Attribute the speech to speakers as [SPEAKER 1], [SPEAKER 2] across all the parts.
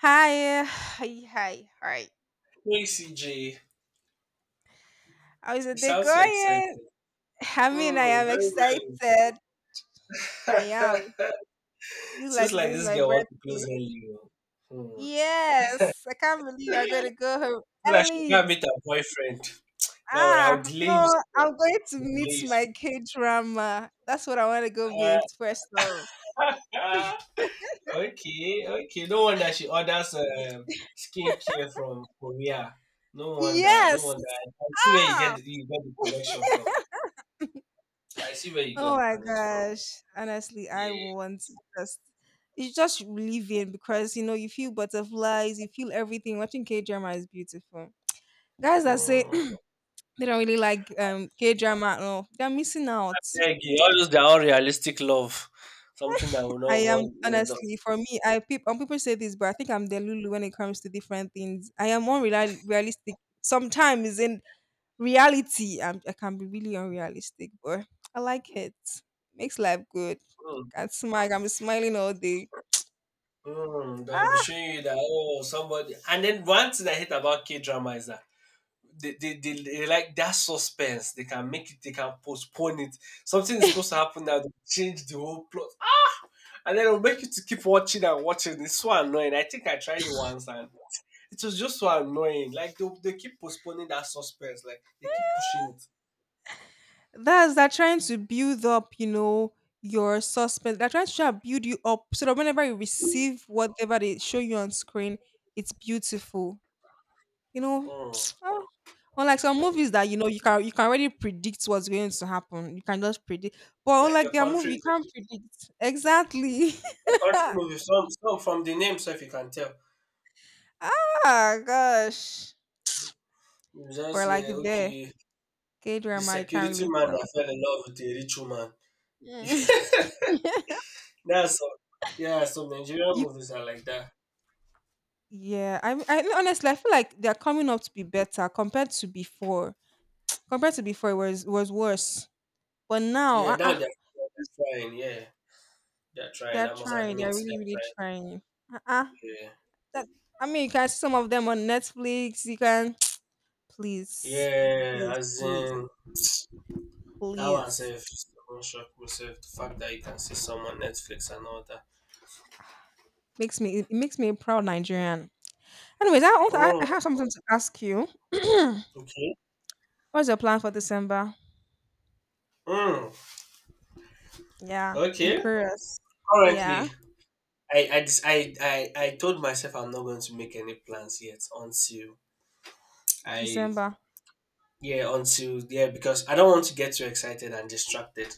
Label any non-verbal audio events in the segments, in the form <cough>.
[SPEAKER 1] Hi, <sighs> hi, hi, hi.
[SPEAKER 2] Hey CJ,
[SPEAKER 1] How's the
[SPEAKER 2] you
[SPEAKER 1] day
[SPEAKER 2] sound so excited.
[SPEAKER 1] going? <laughs> I mean, I
[SPEAKER 2] Mm,
[SPEAKER 1] am
[SPEAKER 2] very well.
[SPEAKER 1] excited. I am.
[SPEAKER 2] <laughs>
[SPEAKER 1] Feels like
[SPEAKER 2] Seems
[SPEAKER 1] today
[SPEAKER 2] like
[SPEAKER 1] is
[SPEAKER 2] this
[SPEAKER 1] my
[SPEAKER 2] girl wants to close
[SPEAKER 1] birthday.
[SPEAKER 2] early. Oh. Hmm.
[SPEAKER 1] Yes, I can't believe I'm gonna go home
[SPEAKER 2] So that she
[SPEAKER 1] early.
[SPEAKER 2] can meet her boyfriend. Don't worry, I'll
[SPEAKER 1] Ah,
[SPEAKER 2] delay you,
[SPEAKER 1] no,
[SPEAKER 2] sir.
[SPEAKER 1] I'm going to
[SPEAKER 2] I'll
[SPEAKER 1] meet
[SPEAKER 2] delay you,
[SPEAKER 1] my K drama. That's what I want to go meet
[SPEAKER 2] sir.
[SPEAKER 1] first off.
[SPEAKER 2] Uh, <laughs> okay, okay. No wonder she orders skincare from Korea. No wonder, no
[SPEAKER 1] Yes.
[SPEAKER 2] wonder. I see where
[SPEAKER 1] Ah.
[SPEAKER 2] you got the connection from.
[SPEAKER 1] <laughs>
[SPEAKER 2] I see where you got
[SPEAKER 1] Oh
[SPEAKER 2] the
[SPEAKER 1] my
[SPEAKER 2] connection from.
[SPEAKER 1] gosh. Honestly, I
[SPEAKER 2] Yeah.
[SPEAKER 1] want to just it's just living because you feel butterflies, you feel everything. Watching K drama is beautiful. Guys that say <clears throat>
[SPEAKER 2] Hmm.
[SPEAKER 1] they don't really like K drama, no, they're missing out.
[SPEAKER 2] Eggy, all those they are all realistic love. Something that will
[SPEAKER 1] I
[SPEAKER 2] not
[SPEAKER 1] am
[SPEAKER 2] want will not-
[SPEAKER 1] honestly for me, people say this, but I think I'm the Lulu when it comes to different things. I am unrealistic sometimes in reality. I can be really unrealistic, but I like it. Makes life good.
[SPEAKER 2] mm,
[SPEAKER 1] I can smile. I'm smiling all day.
[SPEAKER 2] they'll be
[SPEAKER 1] Ah,
[SPEAKER 2] showing you that oh somebody, and then one thing I hate about K drama is that they like that suspense. They can make it, they can postpone it. Something is supposed to happen now, they change the whole plot. And then it'll make you to keep watching and watching. It's so annoying. I think I tried it once and it was just so annoying. Like they keep postponing that suspense, like they keep pushing it.
[SPEAKER 1] that's they're trying to build up, your suspense. They're trying to try and build you up so that whenever you receive whatever they show you on screen, it's beautiful. You know,
[SPEAKER 2] Mm.
[SPEAKER 1] <tsk> ah. Unlike some movies that you can already predict what's going to happen. You can just predict, but
[SPEAKER 2] Like
[SPEAKER 1] unlike
[SPEAKER 2] your
[SPEAKER 1] their
[SPEAKER 2] country
[SPEAKER 1] movie, you can't predict exactly. <laughs>
[SPEAKER 2] A country movie, some from the name sef you can tell.
[SPEAKER 1] Ah, gosh,
[SPEAKER 2] You just
[SPEAKER 1] we're like
[SPEAKER 2] hear
[SPEAKER 1] there.
[SPEAKER 2] okay,
[SPEAKER 1] K
[SPEAKER 2] the
[SPEAKER 1] drama, you can't
[SPEAKER 2] security
[SPEAKER 1] really
[SPEAKER 2] man that
[SPEAKER 1] tell.
[SPEAKER 2] fell in love with a rich woman.
[SPEAKER 1] Mm.
[SPEAKER 2] <laughs>
[SPEAKER 1] <laughs>
[SPEAKER 2] That's all. Yeah, some Nigerian
[SPEAKER 1] You
[SPEAKER 2] movies are like that.
[SPEAKER 1] Yeah, I honestly, I feel like they're coming up to be better compared to before. Compared to before, it was worse. But now,
[SPEAKER 2] Yeah, now they're trying, yeah. They're trying.
[SPEAKER 1] they're
[SPEAKER 2] I must
[SPEAKER 1] trying.
[SPEAKER 2] admit
[SPEAKER 1] They're really, really
[SPEAKER 2] they're
[SPEAKER 1] trying. Uh, uh
[SPEAKER 2] trying.
[SPEAKER 1] that, I mean, you can see some of them on Netflix. <tsk> Please,
[SPEAKER 2] Yeah. Yeah,
[SPEAKER 1] please,
[SPEAKER 2] as
[SPEAKER 1] please,
[SPEAKER 2] in that one
[SPEAKER 1] please.
[SPEAKER 2] self one shock myself. The fact that you can see some on Netflix and all that.
[SPEAKER 1] It makes me a proud Nigerian. Anyways, I want, I
[SPEAKER 2] Oh,
[SPEAKER 1] have something to ask you. <clears throat>
[SPEAKER 2] okay.
[SPEAKER 1] What's your plan for December?
[SPEAKER 2] Mm,
[SPEAKER 1] Yeah, I'm
[SPEAKER 2] okay.
[SPEAKER 1] curious.
[SPEAKER 2] Currently.
[SPEAKER 1] Yeah,
[SPEAKER 2] I just I told myself I'm not going to make any plans yet until I
[SPEAKER 1] December.
[SPEAKER 2] yeah, until yeah, because I don't want to get too excited and distracted.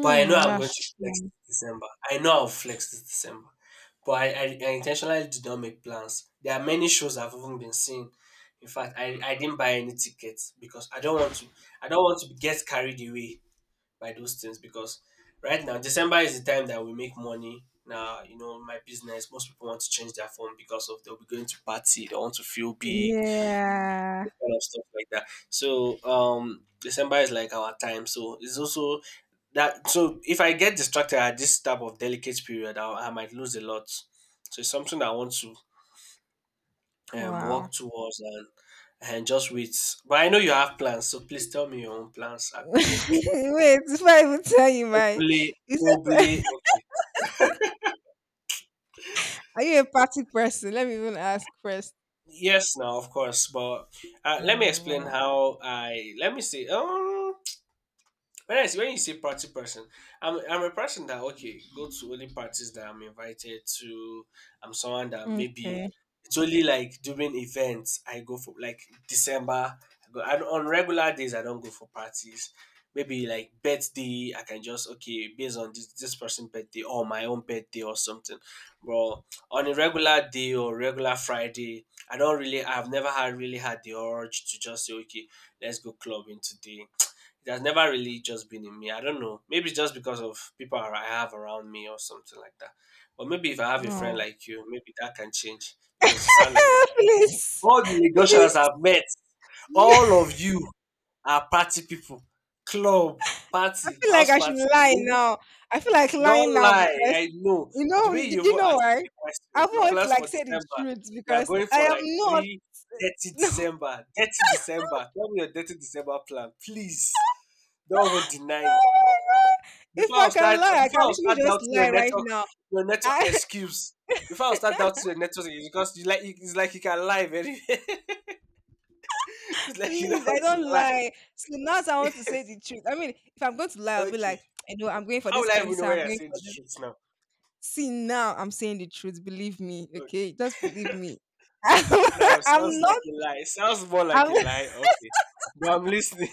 [SPEAKER 2] But I know I'm going
[SPEAKER 1] that's
[SPEAKER 2] to flex
[SPEAKER 1] true.
[SPEAKER 2] this December. I know I'll flex this December. But I intentionally did not make plans. There are many shows I've even been seeing. In fact, I didn't buy any tickets because I don't want to get carried away by those things because right now December is the time that we make money. Now you know my business. Most people want to change their phone because of they'll be going to party. They want to feel big,
[SPEAKER 1] Yeah.
[SPEAKER 2] those kind of stuff like that. So December is like our time. So it's also that. So if I get distracted at this type of delicate period, I might lose a lot. So it's something that I want to work
[SPEAKER 1] Wow.
[SPEAKER 2] towards and just wait. But I know you have plans, so please tell me your own plans
[SPEAKER 1] <laughs>
[SPEAKER 2] are big.
[SPEAKER 1] Wait, before I even tell you
[SPEAKER 2] Hopefully,
[SPEAKER 1] you said,
[SPEAKER 2] hopefully, okay.
[SPEAKER 1] <laughs> are you a party person? Let me even ask first.
[SPEAKER 2] Yes, now of course, but let me explain
[SPEAKER 1] Oh,
[SPEAKER 2] how I let me see. Whereas when you say party person, I'm a person that okay go to only parties that I'm invited to. I'm someone that
[SPEAKER 1] wow.
[SPEAKER 2] maybe
[SPEAKER 1] Okay.
[SPEAKER 2] it's only like during events I go for like December. I go and on regular days I don't go for parties. Maybe like birthday, I can just okay based on this person's birthday or my own birthday or something. But on a regular day or regular Friday, I don't really I've never had really had the urge to just say okay, let's go clubbing today. It has never really just been in me. I don't know. Maybe it's just because of I have around me or something like that. But maybe if I have a friend
[SPEAKER 1] Oh.
[SPEAKER 2] like you, maybe that can change because you sound like a
[SPEAKER 1] <laughs> Please.
[SPEAKER 2] all the Lagosians
[SPEAKER 1] Please.
[SPEAKER 2] I've met, all
[SPEAKER 1] <laughs>
[SPEAKER 2] of you are party people. Club,
[SPEAKER 1] I
[SPEAKER 2] party,
[SPEAKER 1] feel like
[SPEAKER 2] house
[SPEAKER 1] I should
[SPEAKER 2] party. You
[SPEAKER 1] lie
[SPEAKER 2] know?
[SPEAKER 1] now. I feel like
[SPEAKER 2] Don't
[SPEAKER 1] lying now
[SPEAKER 2] lie, I
[SPEAKER 1] because
[SPEAKER 2] know. The way you
[SPEAKER 1] did you
[SPEAKER 2] even
[SPEAKER 1] know
[SPEAKER 2] asked
[SPEAKER 1] why?
[SPEAKER 2] me the
[SPEAKER 1] I
[SPEAKER 2] question, your
[SPEAKER 1] won't
[SPEAKER 2] plans
[SPEAKER 1] like
[SPEAKER 2] for
[SPEAKER 1] say the
[SPEAKER 2] December,
[SPEAKER 1] truth
[SPEAKER 2] you are
[SPEAKER 1] because
[SPEAKER 2] going
[SPEAKER 1] I
[SPEAKER 2] for
[SPEAKER 1] am
[SPEAKER 2] like
[SPEAKER 1] not.
[SPEAKER 2] three
[SPEAKER 1] <laughs>
[SPEAKER 2] thirty
[SPEAKER 1] No,
[SPEAKER 2] December. 30 December. Tell me your 30 December plan, please. Don't even deny it.
[SPEAKER 1] if I can lie, I
[SPEAKER 2] Before
[SPEAKER 1] can
[SPEAKER 2] I
[SPEAKER 1] literally
[SPEAKER 2] start
[SPEAKER 1] just
[SPEAKER 2] doubting your
[SPEAKER 1] lie right
[SPEAKER 2] network
[SPEAKER 1] now. <laughs>
[SPEAKER 2] excuse. Before I start doubting your network excuse, because you like it's like you can lie very <laughs> it's like you know how
[SPEAKER 1] Please, I
[SPEAKER 2] to
[SPEAKER 1] don't
[SPEAKER 2] lie.
[SPEAKER 1] lie. So now I want to say the truth. I mean, if I'm going to lie, I'll be
[SPEAKER 2] Okay.
[SPEAKER 1] like, I know I'm going for
[SPEAKER 2] How
[SPEAKER 1] this
[SPEAKER 2] will I even know
[SPEAKER 1] concert, I'm
[SPEAKER 2] when I'm
[SPEAKER 1] going
[SPEAKER 2] saying
[SPEAKER 1] for
[SPEAKER 2] the
[SPEAKER 1] this.
[SPEAKER 2] truth now?
[SPEAKER 1] See, now I'm saying the truth. Believe me,
[SPEAKER 2] Uh,
[SPEAKER 1] okay? Just believe me. <laughs>
[SPEAKER 2] Now it sounds
[SPEAKER 1] I'm
[SPEAKER 2] like
[SPEAKER 1] not
[SPEAKER 2] a lie. It sounds more like
[SPEAKER 1] I'm
[SPEAKER 2] a lie. Okay. But I'm listening.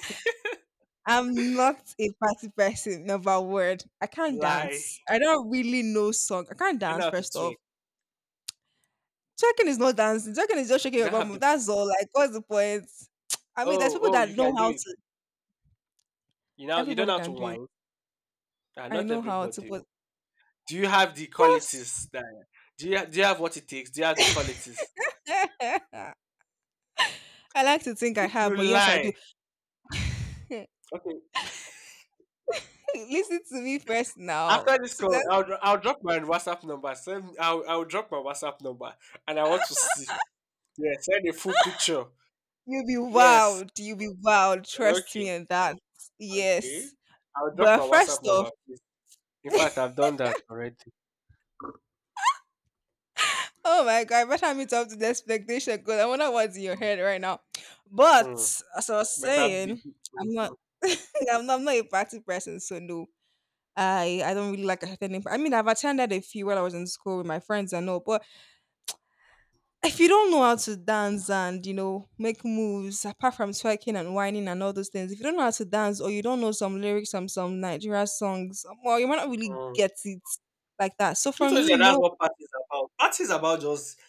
[SPEAKER 1] I'm not a party person, never word. I
[SPEAKER 2] <laughs>
[SPEAKER 1] can't
[SPEAKER 2] lie.
[SPEAKER 1] dance. I don't really know song. I can't
[SPEAKER 2] You don't know
[SPEAKER 1] dance
[SPEAKER 2] how to
[SPEAKER 1] first
[SPEAKER 2] twerk.
[SPEAKER 1] off. Twerking is not dancing. Twerking is just shaking
[SPEAKER 2] You
[SPEAKER 1] your
[SPEAKER 2] don't have
[SPEAKER 1] bum.
[SPEAKER 2] the
[SPEAKER 1] That's all. Like, what's the point? I mean, there's
[SPEAKER 2] oh,
[SPEAKER 1] people
[SPEAKER 2] oh,
[SPEAKER 1] that
[SPEAKER 2] you
[SPEAKER 1] know
[SPEAKER 2] can do
[SPEAKER 1] how
[SPEAKER 2] it.
[SPEAKER 1] to.
[SPEAKER 2] You know you don't know
[SPEAKER 1] Everybody
[SPEAKER 2] how to
[SPEAKER 1] can do it.
[SPEAKER 2] whine. Ah,
[SPEAKER 1] I
[SPEAKER 2] not
[SPEAKER 1] know how to.
[SPEAKER 2] everybody.
[SPEAKER 1] But
[SPEAKER 2] Do you have the
[SPEAKER 1] what's—
[SPEAKER 2] qualities that do you have what it takes? Do you have the qualities?
[SPEAKER 1] <laughs> I like to think I
[SPEAKER 2] If you
[SPEAKER 1] have, but yes, I do.
[SPEAKER 2] lie,
[SPEAKER 1] <laughs>
[SPEAKER 2] okay.
[SPEAKER 1] Listen to me first now.
[SPEAKER 2] After this call, I'll drop my WhatsApp number. Send I'll drop my WhatsApp number, and I want to see. Yeah, send a full picture.
[SPEAKER 1] You'll be
[SPEAKER 2] Yes.
[SPEAKER 1] wowed. You'll be wowed. Trust
[SPEAKER 2] Okay.
[SPEAKER 1] me on that.
[SPEAKER 2] Okay.
[SPEAKER 1] Yes.
[SPEAKER 2] I'll drop
[SPEAKER 1] But
[SPEAKER 2] my
[SPEAKER 1] first
[SPEAKER 2] WhatsApp
[SPEAKER 1] off,
[SPEAKER 2] number, please. In fact,
[SPEAKER 1] <laughs>
[SPEAKER 2] I've done that already.
[SPEAKER 1] oh my God, I better meet up to the expectation because I wonder what's in your
[SPEAKER 2] Mm.
[SPEAKER 1] head right now. But
[SPEAKER 2] Mm.
[SPEAKER 1] as I was
[SPEAKER 2] Better be.
[SPEAKER 1] saying, I'm not,
[SPEAKER 2] Mm.
[SPEAKER 1] <laughs> I'm not a party person, so no. I don't really like attending. I mean, I've attended a few while I was in school with my friends and all, but if you don't know how to dance and make moves apart from twerking and whining and all those things, if you don't know how to dance or you don't know some lyrics from some Nigeria songs, well, you might not really
[SPEAKER 2] Mm.
[SPEAKER 1] get it like that. So
[SPEAKER 2] I
[SPEAKER 1] for
[SPEAKER 2] told you
[SPEAKER 1] me,
[SPEAKER 2] that that's
[SPEAKER 1] no.
[SPEAKER 2] what party is about. Party is about just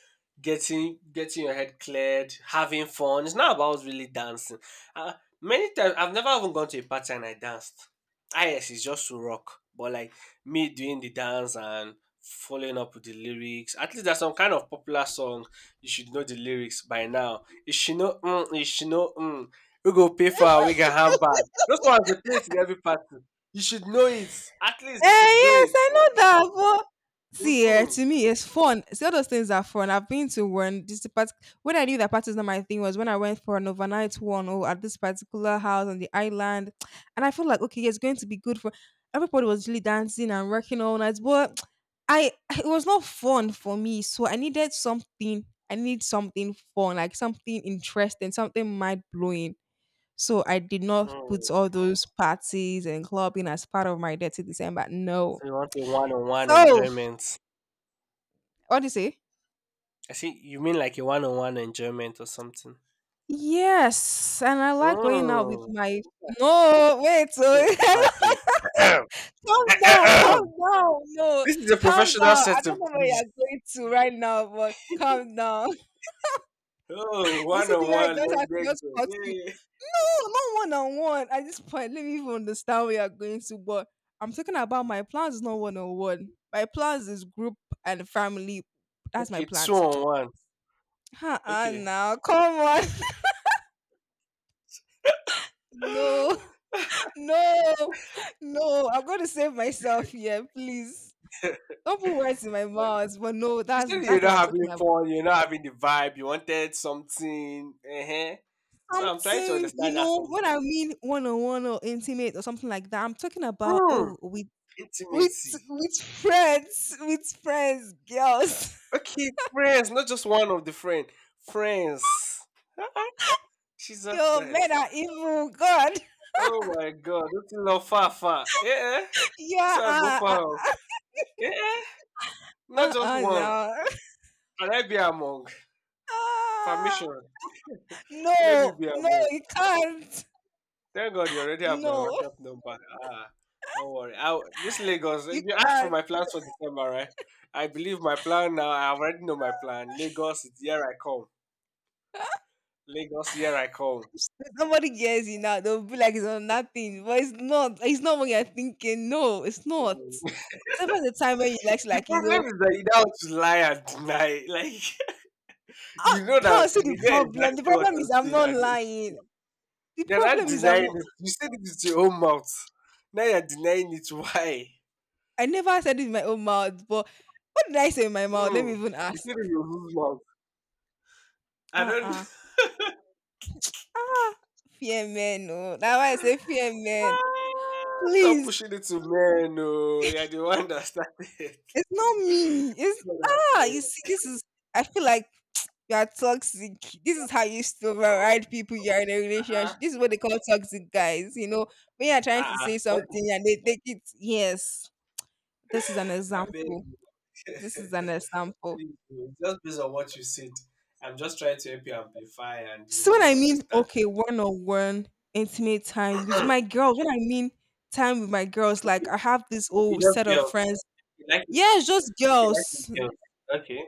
[SPEAKER 2] getting your head cleared, having fun. It's not about really dancing. Uh, many times I've never even gone to a party and I danced. Ah yes, it's just to rock. But like me doing the dance and following up with the lyrics. At least there's some kind of popular song. You should know the lyrics by now. You she know mm, you she know mm. We go pay for our wig and handbag. Those ones they play it in every party. You should know it. At
[SPEAKER 1] Eh,
[SPEAKER 2] least you should know
[SPEAKER 1] yes,
[SPEAKER 2] it.
[SPEAKER 1] I know
[SPEAKER 2] Eh,
[SPEAKER 1] that. But see, eh,
[SPEAKER 2] mhm.
[SPEAKER 1] to me, it's fun. See, all those things are fun. I've been to one. This part, when I knew that party is not my thing was when I went for an overnight one, at this particular house on the island, and I feel like okay, it's going to be good for everybody. Was really dancing and working all night, but I it was not fun for me. So I needed something. I need something fun, like something interesting, something mind blowing. So I did not
[SPEAKER 2] Mm.
[SPEAKER 1] put all those parties and clubbing as part of my dirty December. No.
[SPEAKER 2] So you want a one-on-one
[SPEAKER 1] So
[SPEAKER 2] enjoyment.
[SPEAKER 1] what do you say?
[SPEAKER 2] I see you mean like a one-on-one enjoyment or something.
[SPEAKER 1] Yes, and I like going out with
[SPEAKER 2] Mm.
[SPEAKER 1] my. No, wait.
[SPEAKER 2] Oh, bad
[SPEAKER 1] Oh,
[SPEAKER 2] game. <coughs>
[SPEAKER 1] <laughs> calm
[SPEAKER 2] <clears throat>
[SPEAKER 1] down, calm down. No,
[SPEAKER 2] this is a
[SPEAKER 1] calm
[SPEAKER 2] professional
[SPEAKER 1] down. I
[SPEAKER 2] setting,
[SPEAKER 1] don't know where
[SPEAKER 2] please.
[SPEAKER 1] you're going to right now, but
[SPEAKER 2] <laughs>
[SPEAKER 1] calm down.
[SPEAKER 2] oh,
[SPEAKER 1] You see, the guy
[SPEAKER 2] one-on-one,
[SPEAKER 1] just
[SPEAKER 2] let
[SPEAKER 1] has
[SPEAKER 2] that
[SPEAKER 1] just
[SPEAKER 2] go.
[SPEAKER 1] cut you.
[SPEAKER 2] Yeah.
[SPEAKER 1] No, not one on one. At this point, let me even understand where you're going to. But I'm talking about my plans is not one on one. My plans is group and family. That's my
[SPEAKER 2] Okay,
[SPEAKER 1] plans. <tsk>
[SPEAKER 2] two-on-one.
[SPEAKER 1] Uh-uh,
[SPEAKER 2] Okay.
[SPEAKER 1] now, come on. <laughs> No,
[SPEAKER 2] <laughs>
[SPEAKER 1] no, no. I'm going to save myself here, please.
[SPEAKER 2] you
[SPEAKER 1] Don't put words in my mouth. But no, that's
[SPEAKER 2] said you're
[SPEAKER 1] that's what
[SPEAKER 2] not
[SPEAKER 1] I'm talking
[SPEAKER 2] having
[SPEAKER 1] about.
[SPEAKER 2] fun, you're not having the vibe, you wanted something. So I'm trying to
[SPEAKER 1] Something,
[SPEAKER 2] understand that something.
[SPEAKER 1] when I mean one on one or intimate or something like that, I'm talking about,
[SPEAKER 2] Mm,
[SPEAKER 1] oh, we with
[SPEAKER 2] intimacy.
[SPEAKER 1] with friends, girls.
[SPEAKER 2] Okay, friends, not just one of the friend. Friends. <laughs>
[SPEAKER 1] <laughs>
[SPEAKER 2] Jesus
[SPEAKER 1] Yo, men
[SPEAKER 2] Christ.
[SPEAKER 1] are evil. God,
[SPEAKER 2] Oh my god, this is not far far. Yeah.
[SPEAKER 1] <laughs> yeah,
[SPEAKER 2] So I go far. Yeah. Not just one.
[SPEAKER 1] no,
[SPEAKER 2] Can I be among?
[SPEAKER 1] <laughs> ah,
[SPEAKER 2] Permission. Let me
[SPEAKER 1] no,
[SPEAKER 2] be
[SPEAKER 1] no,
[SPEAKER 2] among.
[SPEAKER 1] you can't.
[SPEAKER 2] Thank God you already have my
[SPEAKER 1] No,
[SPEAKER 2] WhatsApp number. Ah, don't worry. This Lagos,
[SPEAKER 1] you
[SPEAKER 2] you asked for
[SPEAKER 1] can't.
[SPEAKER 2] my plans for December, right? I believe my plan now. I already know my plan. Lagos, here I come. Lagos, here I come.
[SPEAKER 1] Nobody hears you now. They'll be like it's on nothing, but it's not. It's not what you're thinking. No, it's not.
[SPEAKER 2] Mm.
[SPEAKER 1] Except for the time when you like,
[SPEAKER 2] The problem is that you now want to lie and deny. Like <laughs>
[SPEAKER 1] oh,
[SPEAKER 2] you know
[SPEAKER 1] now
[SPEAKER 2] that
[SPEAKER 1] I see the
[SPEAKER 2] you know
[SPEAKER 1] problem. The
[SPEAKER 2] exactly what
[SPEAKER 1] problem
[SPEAKER 2] I'm
[SPEAKER 1] is I'm
[SPEAKER 2] saying,
[SPEAKER 1] not
[SPEAKER 2] and it's true.
[SPEAKER 1] lying. The
[SPEAKER 2] You're not
[SPEAKER 1] problem is I'm
[SPEAKER 2] denying
[SPEAKER 1] not.
[SPEAKER 2] it. You said it with your own mouth. Now you're denying it. Why?
[SPEAKER 1] I never said it in my own mouth, but what did I say in my mouth? Let
[SPEAKER 2] Hmm.
[SPEAKER 1] me even
[SPEAKER 2] You
[SPEAKER 1] ask.
[SPEAKER 2] said it with your own mouth. I
[SPEAKER 1] Uh-uh.
[SPEAKER 2] don't.
[SPEAKER 1] Ah, fear men, no. That's why I say fear men.
[SPEAKER 2] <laughs> Stop
[SPEAKER 1] Please,
[SPEAKER 2] pushing it to men. No, you're the one that started it. <laughs>
[SPEAKER 1] it's not me.
[SPEAKER 2] God, I
[SPEAKER 1] You see,
[SPEAKER 2] beg. <laughs>
[SPEAKER 1] this is I feel like you are toxic. This is how you used to override people you are in a
[SPEAKER 2] ah,
[SPEAKER 1] relationship. This is what they call toxic guys. When you're trying
[SPEAKER 2] ah,
[SPEAKER 1] to
[SPEAKER 2] ah.
[SPEAKER 1] say
[SPEAKER 2] What? <laughs>
[SPEAKER 1] something and they take it, yes. This is an
[SPEAKER 2] I beg.
[SPEAKER 1] example.
[SPEAKER 2] <laughs>
[SPEAKER 1] This is an example.
[SPEAKER 2] please, just based on what you said, I'm just trying to help you amplify and you
[SPEAKER 1] So when
[SPEAKER 2] know
[SPEAKER 1] I mean
[SPEAKER 2] understand.
[SPEAKER 1] okay, one on one intimate time with
[SPEAKER 2] Hmm,
[SPEAKER 1] my girls, when I mean time with my girls,
[SPEAKER 2] okay,
[SPEAKER 1] like I have this
[SPEAKER 2] okay,
[SPEAKER 1] whole
[SPEAKER 2] just
[SPEAKER 1] set of
[SPEAKER 2] girls.
[SPEAKER 1] friends.
[SPEAKER 2] You like it.
[SPEAKER 1] Yeah, it's just
[SPEAKER 2] Okay, like it with
[SPEAKER 1] girls.
[SPEAKER 2] girls. Okay.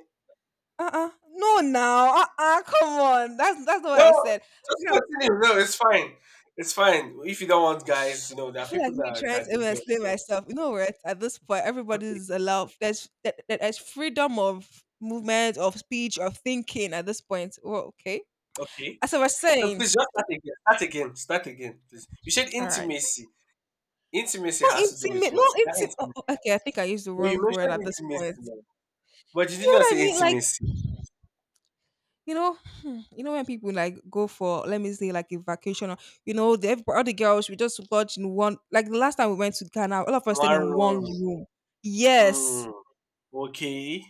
[SPEAKER 1] Uh-uh. No now. Uh-uh. Come on. That's not what
[SPEAKER 2] No,
[SPEAKER 1] I said.
[SPEAKER 2] just
[SPEAKER 1] You know,
[SPEAKER 2] continue. No, it's fine. It's fine. If you don't want guys, you know there
[SPEAKER 1] I
[SPEAKER 2] are
[SPEAKER 1] feel
[SPEAKER 2] people
[SPEAKER 1] like me
[SPEAKER 2] that
[SPEAKER 1] trying to
[SPEAKER 2] do
[SPEAKER 1] even
[SPEAKER 2] girls.
[SPEAKER 1] explain
[SPEAKER 2] So
[SPEAKER 1] myself. You know what? At this point,
[SPEAKER 2] okay,
[SPEAKER 1] everybody's allowed there's there- there's freedom of movement, of speech, of thinking at this point. Well, okay.
[SPEAKER 2] okay.
[SPEAKER 1] As I was
[SPEAKER 2] So
[SPEAKER 1] saying,
[SPEAKER 2] please just start again. Start again. Start again, please. You said
[SPEAKER 1] all right.
[SPEAKER 2] intimacy. Intimacy
[SPEAKER 1] Not
[SPEAKER 2] has to do with
[SPEAKER 1] intimate,
[SPEAKER 2] what?
[SPEAKER 1] not
[SPEAKER 2] That
[SPEAKER 1] intimate.
[SPEAKER 2] intimacy.
[SPEAKER 1] Okay, I think I used the
[SPEAKER 2] No, you
[SPEAKER 1] wrong word at
[SPEAKER 2] mentioned
[SPEAKER 1] this
[SPEAKER 2] intimacy,
[SPEAKER 1] point.
[SPEAKER 2] now, but you did
[SPEAKER 1] You
[SPEAKER 2] not
[SPEAKER 1] know what I
[SPEAKER 2] say
[SPEAKER 1] mean? Like,
[SPEAKER 2] intimacy.
[SPEAKER 1] you know, when people like go for, let me say, like a vacation, or, all the girls we just lodge in one. Like the last time we went to Ghana, all of us stayed in one
[SPEAKER 2] One.
[SPEAKER 1] room. Yes,
[SPEAKER 2] Hmm. Okay.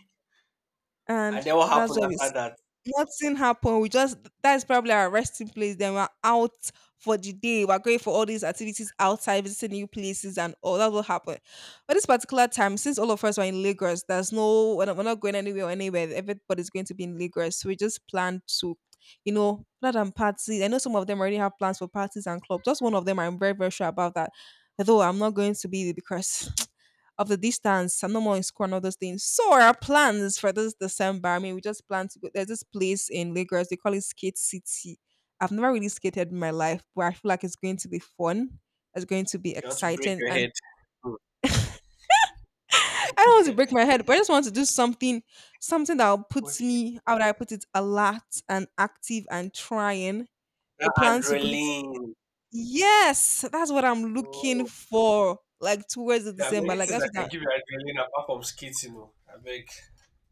[SPEAKER 2] And
[SPEAKER 1] and
[SPEAKER 2] then what
[SPEAKER 1] that's
[SPEAKER 2] happened
[SPEAKER 1] where we
[SPEAKER 2] after
[SPEAKER 1] s-
[SPEAKER 2] that?
[SPEAKER 1] nothing happened. We just That's probably our resting place. Then we're out for the day. We're going for all these activities outside, visiting new places and all. That's what happened. But this particular time, since all of us were in Lagos, there's no we're not, we're not going anywhere or anywhere. Everybody's going to be in Lagos. So we just planned to, rather than party. I know some of them already have plans for parties and clubs. Just one of them I'm very, very sure about that. Although I'm not going to be there because of the distance and no more in school and all those things. So our plans for this December, I mean, we just plan to go. There's this place in Lagos, they call it Skate City. I've never really skated in my life, but I feel like it's going to be fun. It's going to be
[SPEAKER 2] You want to break
[SPEAKER 1] exciting.
[SPEAKER 2] your
[SPEAKER 1] And
[SPEAKER 2] head. Hmm.
[SPEAKER 1] <laughs> I don't want to break my head, but I just want to do something, something that will
[SPEAKER 2] <laughs>
[SPEAKER 1] put
[SPEAKER 2] okay.
[SPEAKER 1] me, how would I put it, alert and active and trying. The
[SPEAKER 2] That
[SPEAKER 1] plans to go.
[SPEAKER 2] adrenaline.
[SPEAKER 1] Yes, that's what I'm looking
[SPEAKER 2] Oh,
[SPEAKER 1] for. Like towards the
[SPEAKER 2] there are
[SPEAKER 1] December.
[SPEAKER 2] many
[SPEAKER 1] Like
[SPEAKER 2] things
[SPEAKER 1] that's
[SPEAKER 2] that
[SPEAKER 1] what
[SPEAKER 2] can
[SPEAKER 1] I
[SPEAKER 2] give you adrenaline apart from skating. You know. I beg,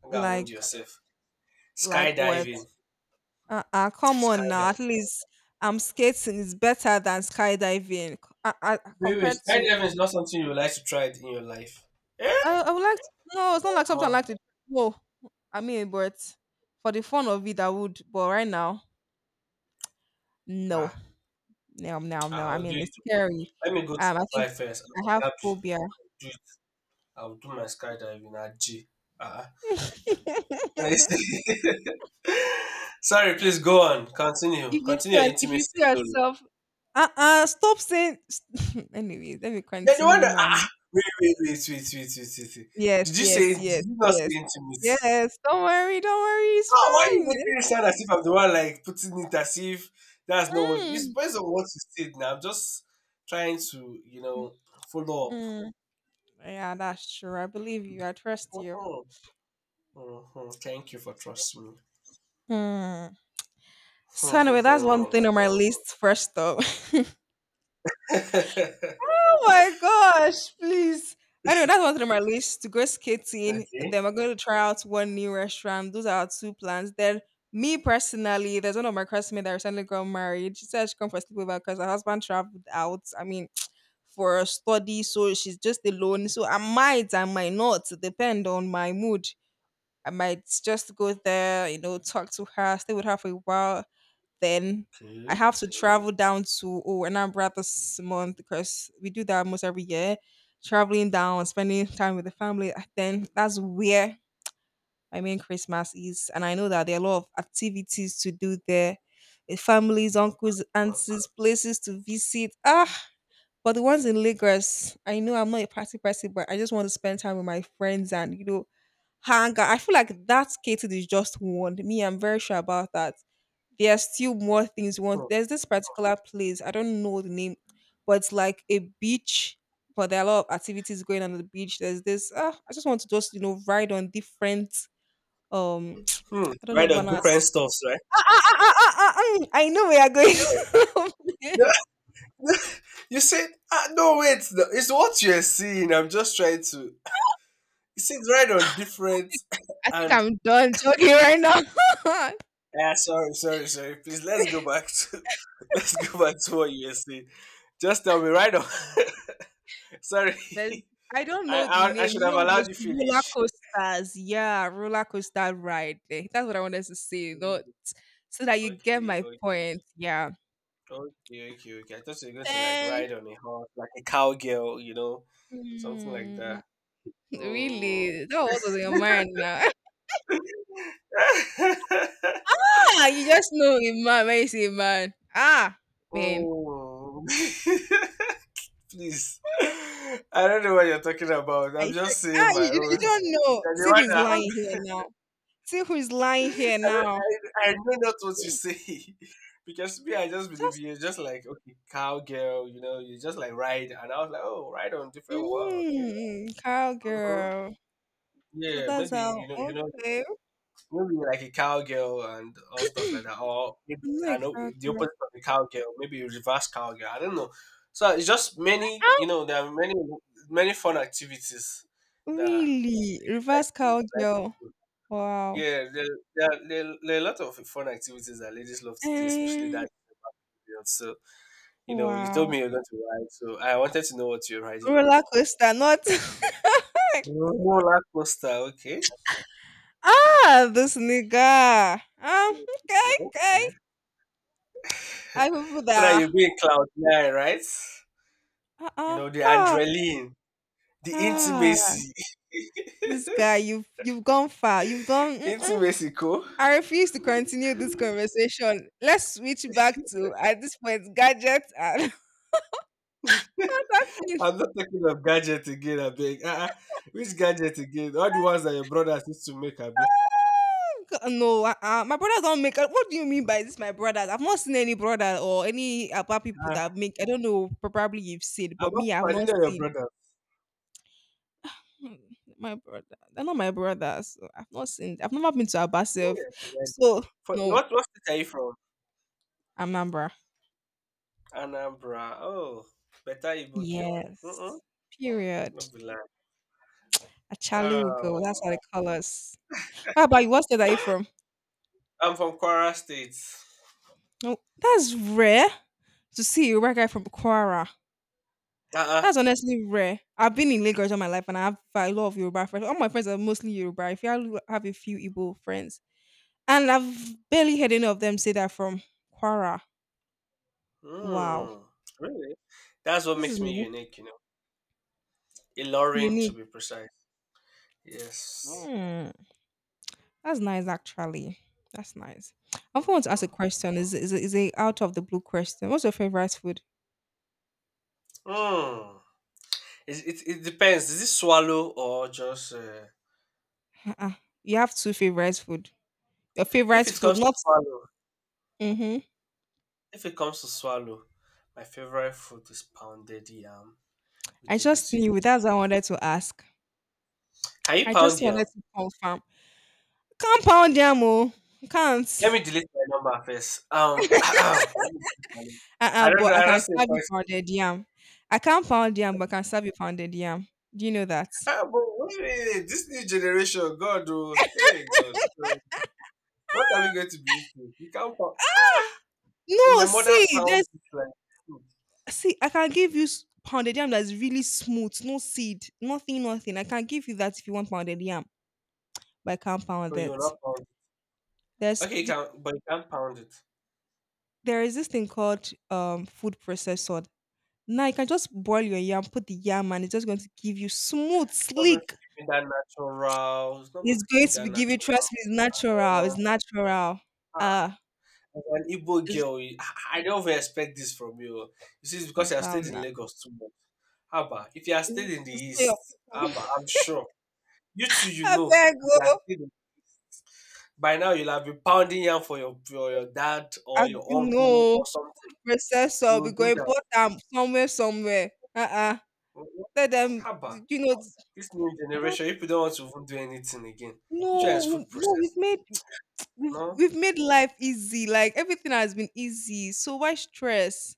[SPEAKER 2] I think I wound
[SPEAKER 1] like
[SPEAKER 2] yourself.
[SPEAKER 1] like what.
[SPEAKER 2] Skydiving.
[SPEAKER 1] Uh-uh, come on now. At
[SPEAKER 2] Skydiving.
[SPEAKER 1] least skating is better than skydiving. Compared to
[SPEAKER 2] Skydiving is not something you would like to try it in your life. Eh?
[SPEAKER 1] I would like to, no, it's not like
[SPEAKER 2] Omo.
[SPEAKER 1] something I like to no. I mean, but for the fun of it, I would. But right now, no,
[SPEAKER 2] Ah,
[SPEAKER 1] no, no, no.
[SPEAKER 2] ah,
[SPEAKER 1] I
[SPEAKER 2] I'll do
[SPEAKER 1] mean,
[SPEAKER 2] it.
[SPEAKER 1] it's scary.
[SPEAKER 2] Let me go to
[SPEAKER 1] I think
[SPEAKER 2] Dubai first. I'll be
[SPEAKER 1] I have
[SPEAKER 2] happy.
[SPEAKER 1] phobia.
[SPEAKER 2] Do it. I'll do my skydiving at G. Ah.
[SPEAKER 1] <laughs> If
[SPEAKER 2] <laughs> sorry, please go on. Continue.
[SPEAKER 1] you see,
[SPEAKER 2] Continue your
[SPEAKER 1] if you
[SPEAKER 2] intimacy
[SPEAKER 1] see
[SPEAKER 2] story.
[SPEAKER 1] yourself, stop saying. <laughs> Anyways, let me
[SPEAKER 2] You're the one
[SPEAKER 1] continue
[SPEAKER 2] that ah, ah,
[SPEAKER 1] mine.
[SPEAKER 2] wait.
[SPEAKER 1] Yes,
[SPEAKER 2] Did you
[SPEAKER 1] yes, yes,
[SPEAKER 2] not say
[SPEAKER 1] yes.
[SPEAKER 2] intimate?
[SPEAKER 1] Yes, don't worry, it's
[SPEAKER 2] Ah, why are you
[SPEAKER 1] fine.
[SPEAKER 2] making
[SPEAKER 1] It's
[SPEAKER 2] it sound as if I'm the one like putting it as if that's not what it's
[SPEAKER 1] fine.
[SPEAKER 2] based on what you said now. I'm just trying to, you know, follow up.
[SPEAKER 1] Mm. Yeah, that's true. I believe you. I trust you.
[SPEAKER 2] Mhm, mhm. Thank you for trusting me.
[SPEAKER 1] Mm. So anyway, that's one thing
[SPEAKER 2] Mhm.
[SPEAKER 1] on my list first up. <laughs>
[SPEAKER 2] <laughs> okay.
[SPEAKER 1] Oh my gosh, please. Anyway, that's one thing on my list, to go skating.
[SPEAKER 2] Okay.
[SPEAKER 1] Then we're going to try out one new restaurant. Those are our two plans. Then me personally, there's one of my classmates that recently got married. She said she come for sleepover because her husband traveled out. I mean, for a study, so she's just alone. So I might not, depend on my mood. I might just go there, talk to her, stay with her for a while. Then I have to travel down to oh, Anambra this month, because we do that almost every year. Traveling down, spending time with the family. Then that's where my main Christmas is, and I know that there are a lot of activities to do there with families, uncles, aunties, places to visit. Ah, but the ones in Lagos, I know I'm not a party person, but I just want to spend time with my friends and hang out. I feel like that's catered is just one. Me, I'm very sure about that. There are still more things you
[SPEAKER 2] Hmm.
[SPEAKER 1] want. There's this particular place, I don't know the name, but it's like a beach. But there are a lot of activities going on at the beach. There's this. I just want to just ride on different. Um, <tsk>
[SPEAKER 2] Hmm.
[SPEAKER 1] I don't
[SPEAKER 2] Right
[SPEAKER 1] know,
[SPEAKER 2] on
[SPEAKER 1] Vanas.
[SPEAKER 2] different stuffs, right?
[SPEAKER 1] I know we are going.
[SPEAKER 2] You,
[SPEAKER 1] <laughs> I
[SPEAKER 2] <laughs> you said, ah, no, wait, no, it's what you're seeing. I'm just trying to it seems right on different <laughs>
[SPEAKER 1] think
[SPEAKER 2] and
[SPEAKER 1] I'm done joking right now. <laughs>
[SPEAKER 2] yeah, sorry, sorry, sorry. Please let's go back to <laughs> let's go back to what you were saying. Just tell me right on. <laughs> sorry.
[SPEAKER 1] There's,
[SPEAKER 2] <laughs>
[SPEAKER 1] I don't
[SPEAKER 2] I,
[SPEAKER 1] know the
[SPEAKER 2] I
[SPEAKER 1] name.
[SPEAKER 2] should
[SPEAKER 1] You
[SPEAKER 2] have
[SPEAKER 1] know
[SPEAKER 2] allowed
[SPEAKER 1] those
[SPEAKER 2] you
[SPEAKER 1] roller
[SPEAKER 2] finish.
[SPEAKER 1] coasters. Yeah, roller coaster ride. Eh, that's what I wanted to say. Not so that you get
[SPEAKER 2] Okay,
[SPEAKER 1] my
[SPEAKER 2] okay,
[SPEAKER 1] point. Yeah.
[SPEAKER 2] okay. I thought you were going to like
[SPEAKER 1] Then
[SPEAKER 2] ride on a horse, like a cowgirl, you know, something like that.
[SPEAKER 1] mm,
[SPEAKER 2] Mm.
[SPEAKER 1] really, that was on your mind now.
[SPEAKER 2] <laughs>
[SPEAKER 1] <laughs> Ah, you just know a man when you say a man. Ah, man.
[SPEAKER 2] Mm. <laughs> please. <laughs> I don't know what you're talking about.
[SPEAKER 1] I
[SPEAKER 2] I'm
[SPEAKER 1] sure,
[SPEAKER 2] just saying
[SPEAKER 1] ah,
[SPEAKER 2] my
[SPEAKER 1] you
[SPEAKER 2] own.
[SPEAKER 1] don't know.
[SPEAKER 2] You're the
[SPEAKER 1] See
[SPEAKER 2] one
[SPEAKER 1] who's
[SPEAKER 2] that
[SPEAKER 1] lying
[SPEAKER 2] have-
[SPEAKER 1] here now. See who's
[SPEAKER 2] <laughs>
[SPEAKER 1] lying
[SPEAKER 2] I,
[SPEAKER 1] here now.
[SPEAKER 2] don't- I know not what you say. <laughs> Because me, I just believe
[SPEAKER 1] Just
[SPEAKER 2] you. Just like, okay, cowgirl, you just like ride. And I was like, oh, ride on different what? Okay. Hmm.
[SPEAKER 1] cowgirl. So
[SPEAKER 2] Yeah,
[SPEAKER 1] that's
[SPEAKER 2] maybe,
[SPEAKER 1] how. Okay.
[SPEAKER 2] maybe like a cowgirl and all stuff like that. Or maybe,
[SPEAKER 1] I'm not
[SPEAKER 2] I
[SPEAKER 1] a
[SPEAKER 2] know, the
[SPEAKER 1] cowgirl.
[SPEAKER 2] opposite of a cowgirl, maybe a reverse cowgirl. I don't know. So it's just many,
[SPEAKER 1] Ah,
[SPEAKER 2] there are many, many fun activities that
[SPEAKER 1] really?
[SPEAKER 2] like
[SPEAKER 1] Reverse
[SPEAKER 2] to like.
[SPEAKER 1] cowgirl. Wow.
[SPEAKER 2] Yeah, there are a lot of fun activities that ladies love to do, especially
[SPEAKER 1] Eh,
[SPEAKER 2] that period. So, you told
[SPEAKER 1] wow.
[SPEAKER 2] me you're going to ride, so I wanted to know what you're riding on.
[SPEAKER 1] Roller coaster, not. <laughs>
[SPEAKER 2] Roller coaster, okay.
[SPEAKER 1] Ah, this nigga. Ah, okay, okay.
[SPEAKER 2] Okay.
[SPEAKER 1] I
[SPEAKER 2] <laughs>
[SPEAKER 1] people
[SPEAKER 2] So that
[SPEAKER 1] that.
[SPEAKER 2] you'll be in cloud nine, right?
[SPEAKER 1] Ah, ah,
[SPEAKER 2] The
[SPEAKER 1] ah,
[SPEAKER 2] adrenaline, the
[SPEAKER 1] ah.
[SPEAKER 2] intimacy.
[SPEAKER 1] This guy,
[SPEAKER 2] <laughs>
[SPEAKER 1] you've gone far. You've done. Mm-mm.
[SPEAKER 2] Intimacy, cool.
[SPEAKER 1] I refuse to continue this conversation. Let's switch back to at this point gadgets and <laughs> other things.
[SPEAKER 2] I'm not talking of gadget again, I beg. Uh-uh. Which gadget again? All the ones that your brothers used to make, Abi.
[SPEAKER 1] No, my brothers don't make. What do you mean by this? My brothers, I've not seen any brother or any about people
[SPEAKER 2] Uh,
[SPEAKER 1] that make. I don't know. Probably you've seen,
[SPEAKER 2] I'm
[SPEAKER 1] but
[SPEAKER 2] not,
[SPEAKER 1] me, I've
[SPEAKER 2] I didn't
[SPEAKER 1] not
[SPEAKER 2] know your
[SPEAKER 1] seen.
[SPEAKER 2] brother.
[SPEAKER 1] Hmm, my brother, they're not my brothers, so I've not seen. I've never been to Abasif,
[SPEAKER 2] Yes, Iwedo.
[SPEAKER 1] so
[SPEAKER 2] For,
[SPEAKER 1] no,
[SPEAKER 2] what, what state are you from?
[SPEAKER 1] Amambra.
[SPEAKER 2] Anambra. Oh, better Igbo girl. Mm-mm,
[SPEAKER 1] Yes. Period.
[SPEAKER 2] no be lie.
[SPEAKER 1] A Chalu girl. That's
[SPEAKER 2] Um,
[SPEAKER 1] how they call us. What about you? What state are you from?
[SPEAKER 2] I'm from Kwara State.
[SPEAKER 1] Oh, that's rare to see a white guy from Kwara.
[SPEAKER 2] Uh-uh.
[SPEAKER 1] That's honestly rare. I've been in Lagos all my life and I have a lot of Yoruba friends. All my friends are mostly Yoruba. If you have a few Igbo friends. And I've barely heard any of them say that from Quara. Wow.
[SPEAKER 2] Mm, really? That's what
[SPEAKER 1] This is
[SPEAKER 2] makes me
[SPEAKER 1] new.
[SPEAKER 2] unique. Ilorin, to
[SPEAKER 1] Unique.
[SPEAKER 2] be precise.
[SPEAKER 1] Oh,
[SPEAKER 2] Yes.
[SPEAKER 1] hmm. That's nice actually. That's nice. I want to ask a
[SPEAKER 2] Mm,
[SPEAKER 1] question. Is a out of the blue question. What's your favorite food?
[SPEAKER 2] mm. Mm. It depends. Is it swallow or just...
[SPEAKER 1] Ah, you have two favorite food. Your
[SPEAKER 2] if
[SPEAKER 1] favorite
[SPEAKER 2] it
[SPEAKER 1] food,
[SPEAKER 2] comes to
[SPEAKER 1] not
[SPEAKER 2] swallow,
[SPEAKER 1] mm-hmm.
[SPEAKER 2] if it comes to swallow, my favorite food is pounded yam with
[SPEAKER 1] I just
[SPEAKER 2] egusi.
[SPEAKER 1] knew that's what I wanted to ask.
[SPEAKER 2] Can you
[SPEAKER 1] I
[SPEAKER 2] pound
[SPEAKER 1] just
[SPEAKER 2] yam?
[SPEAKER 1] wanted to confirm. Can't pound yam, oh, can't.
[SPEAKER 2] Let me delete my number first. <clears throat> Let me delete my number. I
[SPEAKER 1] Uh-uh,
[SPEAKER 2] don't
[SPEAKER 1] but
[SPEAKER 2] know.
[SPEAKER 1] I
[SPEAKER 2] I don't
[SPEAKER 1] can
[SPEAKER 2] see a.
[SPEAKER 1] serve you pounded yam. I can't pound yam, but I can serve you pounded yam. Do you know that?
[SPEAKER 2] But wait, wait, this new generation, God, oh, hey, God, so, what are we going to be eating? You can't pound. So my
[SPEAKER 1] No,
[SPEAKER 2] mother
[SPEAKER 1] see,
[SPEAKER 2] pounds
[SPEAKER 1] there's
[SPEAKER 2] it like, hmm,
[SPEAKER 1] see, I can give you s- pounded yam that's really smooth, no seed, nothing, nothing. I can give you that if you want pounded yam, but I can't pound
[SPEAKER 2] but you will
[SPEAKER 1] it.
[SPEAKER 2] not pound. It.
[SPEAKER 1] There's
[SPEAKER 2] Okay, you
[SPEAKER 1] th-
[SPEAKER 2] can, but you can't pound it. It's
[SPEAKER 1] there is this thing called food processor. Now you can just boil your yam, put the yam, and it's just going to give you smooth,
[SPEAKER 2] not going to
[SPEAKER 1] sleek.
[SPEAKER 2] give me that natural. It's not going
[SPEAKER 1] It's
[SPEAKER 2] to give
[SPEAKER 1] going
[SPEAKER 2] me
[SPEAKER 1] to
[SPEAKER 2] that
[SPEAKER 1] be give you,
[SPEAKER 2] natural.
[SPEAKER 1] trust me, it's natural,
[SPEAKER 2] Uh,
[SPEAKER 1] it's natural.
[SPEAKER 2] ah,
[SPEAKER 1] Ah.
[SPEAKER 2] as an Igbo
[SPEAKER 1] It's
[SPEAKER 2] girl, I don't even expect this from you. You see, it's because I
[SPEAKER 1] it's
[SPEAKER 2] have
[SPEAKER 1] now
[SPEAKER 2] stayed in Lagos too much. Haba, if you are still
[SPEAKER 1] It's
[SPEAKER 2] in the
[SPEAKER 1] it's not your
[SPEAKER 2] East, haba,
[SPEAKER 1] people.
[SPEAKER 2] I'm sure. You two you
[SPEAKER 1] <laughs>
[SPEAKER 2] know.
[SPEAKER 1] Abeg
[SPEAKER 2] If you are
[SPEAKER 1] oh.
[SPEAKER 2] still. In by now you'll have been pounding yam for your dad or
[SPEAKER 1] I
[SPEAKER 2] your uncle
[SPEAKER 1] no.
[SPEAKER 2] or something.
[SPEAKER 1] Process
[SPEAKER 2] You
[SPEAKER 1] up,
[SPEAKER 2] will
[SPEAKER 1] we go
[SPEAKER 2] do that.
[SPEAKER 1] import am somewhere somewhere.
[SPEAKER 2] Mhm.
[SPEAKER 1] Tell them,
[SPEAKER 2] Haba,
[SPEAKER 1] you know.
[SPEAKER 2] this new
[SPEAKER 1] Ah,
[SPEAKER 2] generation, people don't want to even do anything again. Which one is
[SPEAKER 1] no,
[SPEAKER 2] food processing?
[SPEAKER 1] we've
[SPEAKER 2] No?
[SPEAKER 1] we've made life easy. Like everything has been easy. So why stress?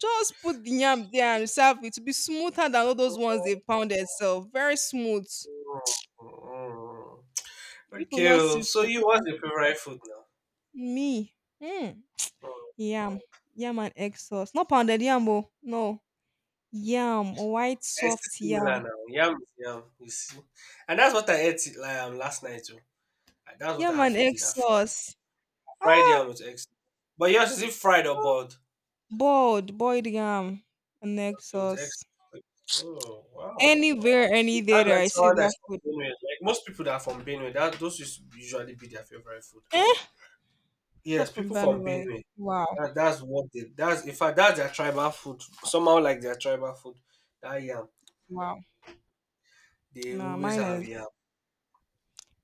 [SPEAKER 1] Just put the yam there and serve it. To be smoother than all those ones they pounded sef. Very smooth.
[SPEAKER 2] Mm.
[SPEAKER 1] People
[SPEAKER 2] Okay,
[SPEAKER 1] not
[SPEAKER 2] oh,
[SPEAKER 1] see
[SPEAKER 2] so you what's your favorite food now?
[SPEAKER 1] me. Hmm.
[SPEAKER 2] Mm.
[SPEAKER 1] Yam. Yam and egg sauce. Not pounded yam, oh. No. Yam. White
[SPEAKER 2] It's
[SPEAKER 1] soft
[SPEAKER 2] still similar
[SPEAKER 1] yam.
[SPEAKER 2] now. Yam is yam, you see. And that's what I ate like last night. Oh. That's what
[SPEAKER 1] Yam
[SPEAKER 2] I had
[SPEAKER 1] and
[SPEAKER 2] for
[SPEAKER 1] egg
[SPEAKER 2] dinner.
[SPEAKER 1] sauce.
[SPEAKER 2] Fried
[SPEAKER 1] Ah,
[SPEAKER 2] yam with eggs. But yours, is it fried or
[SPEAKER 1] ah.
[SPEAKER 2] boiled?
[SPEAKER 1] Boiled. Boiled yam and egg
[SPEAKER 2] Okay, with eggs.
[SPEAKER 1] sauce.
[SPEAKER 2] Oh wow!
[SPEAKER 1] Anywhere, any day
[SPEAKER 2] Sounds
[SPEAKER 1] that
[SPEAKER 2] like
[SPEAKER 1] I see
[SPEAKER 2] someone
[SPEAKER 1] that
[SPEAKER 2] that's
[SPEAKER 1] food.
[SPEAKER 2] from Benue. Like most people that are from Benue, that those is usually be their favorite food.
[SPEAKER 1] Eh? Not
[SPEAKER 2] Yes,
[SPEAKER 1] from
[SPEAKER 2] people from
[SPEAKER 1] Benway.
[SPEAKER 2] Benue.
[SPEAKER 1] Wow.
[SPEAKER 2] That's what they. That's in fact that's their tribal food. Somehow like their tribal food. That yam.
[SPEAKER 1] Wow.
[SPEAKER 2] They
[SPEAKER 1] No,
[SPEAKER 2] always
[SPEAKER 1] mine
[SPEAKER 2] have yam.
[SPEAKER 1] is.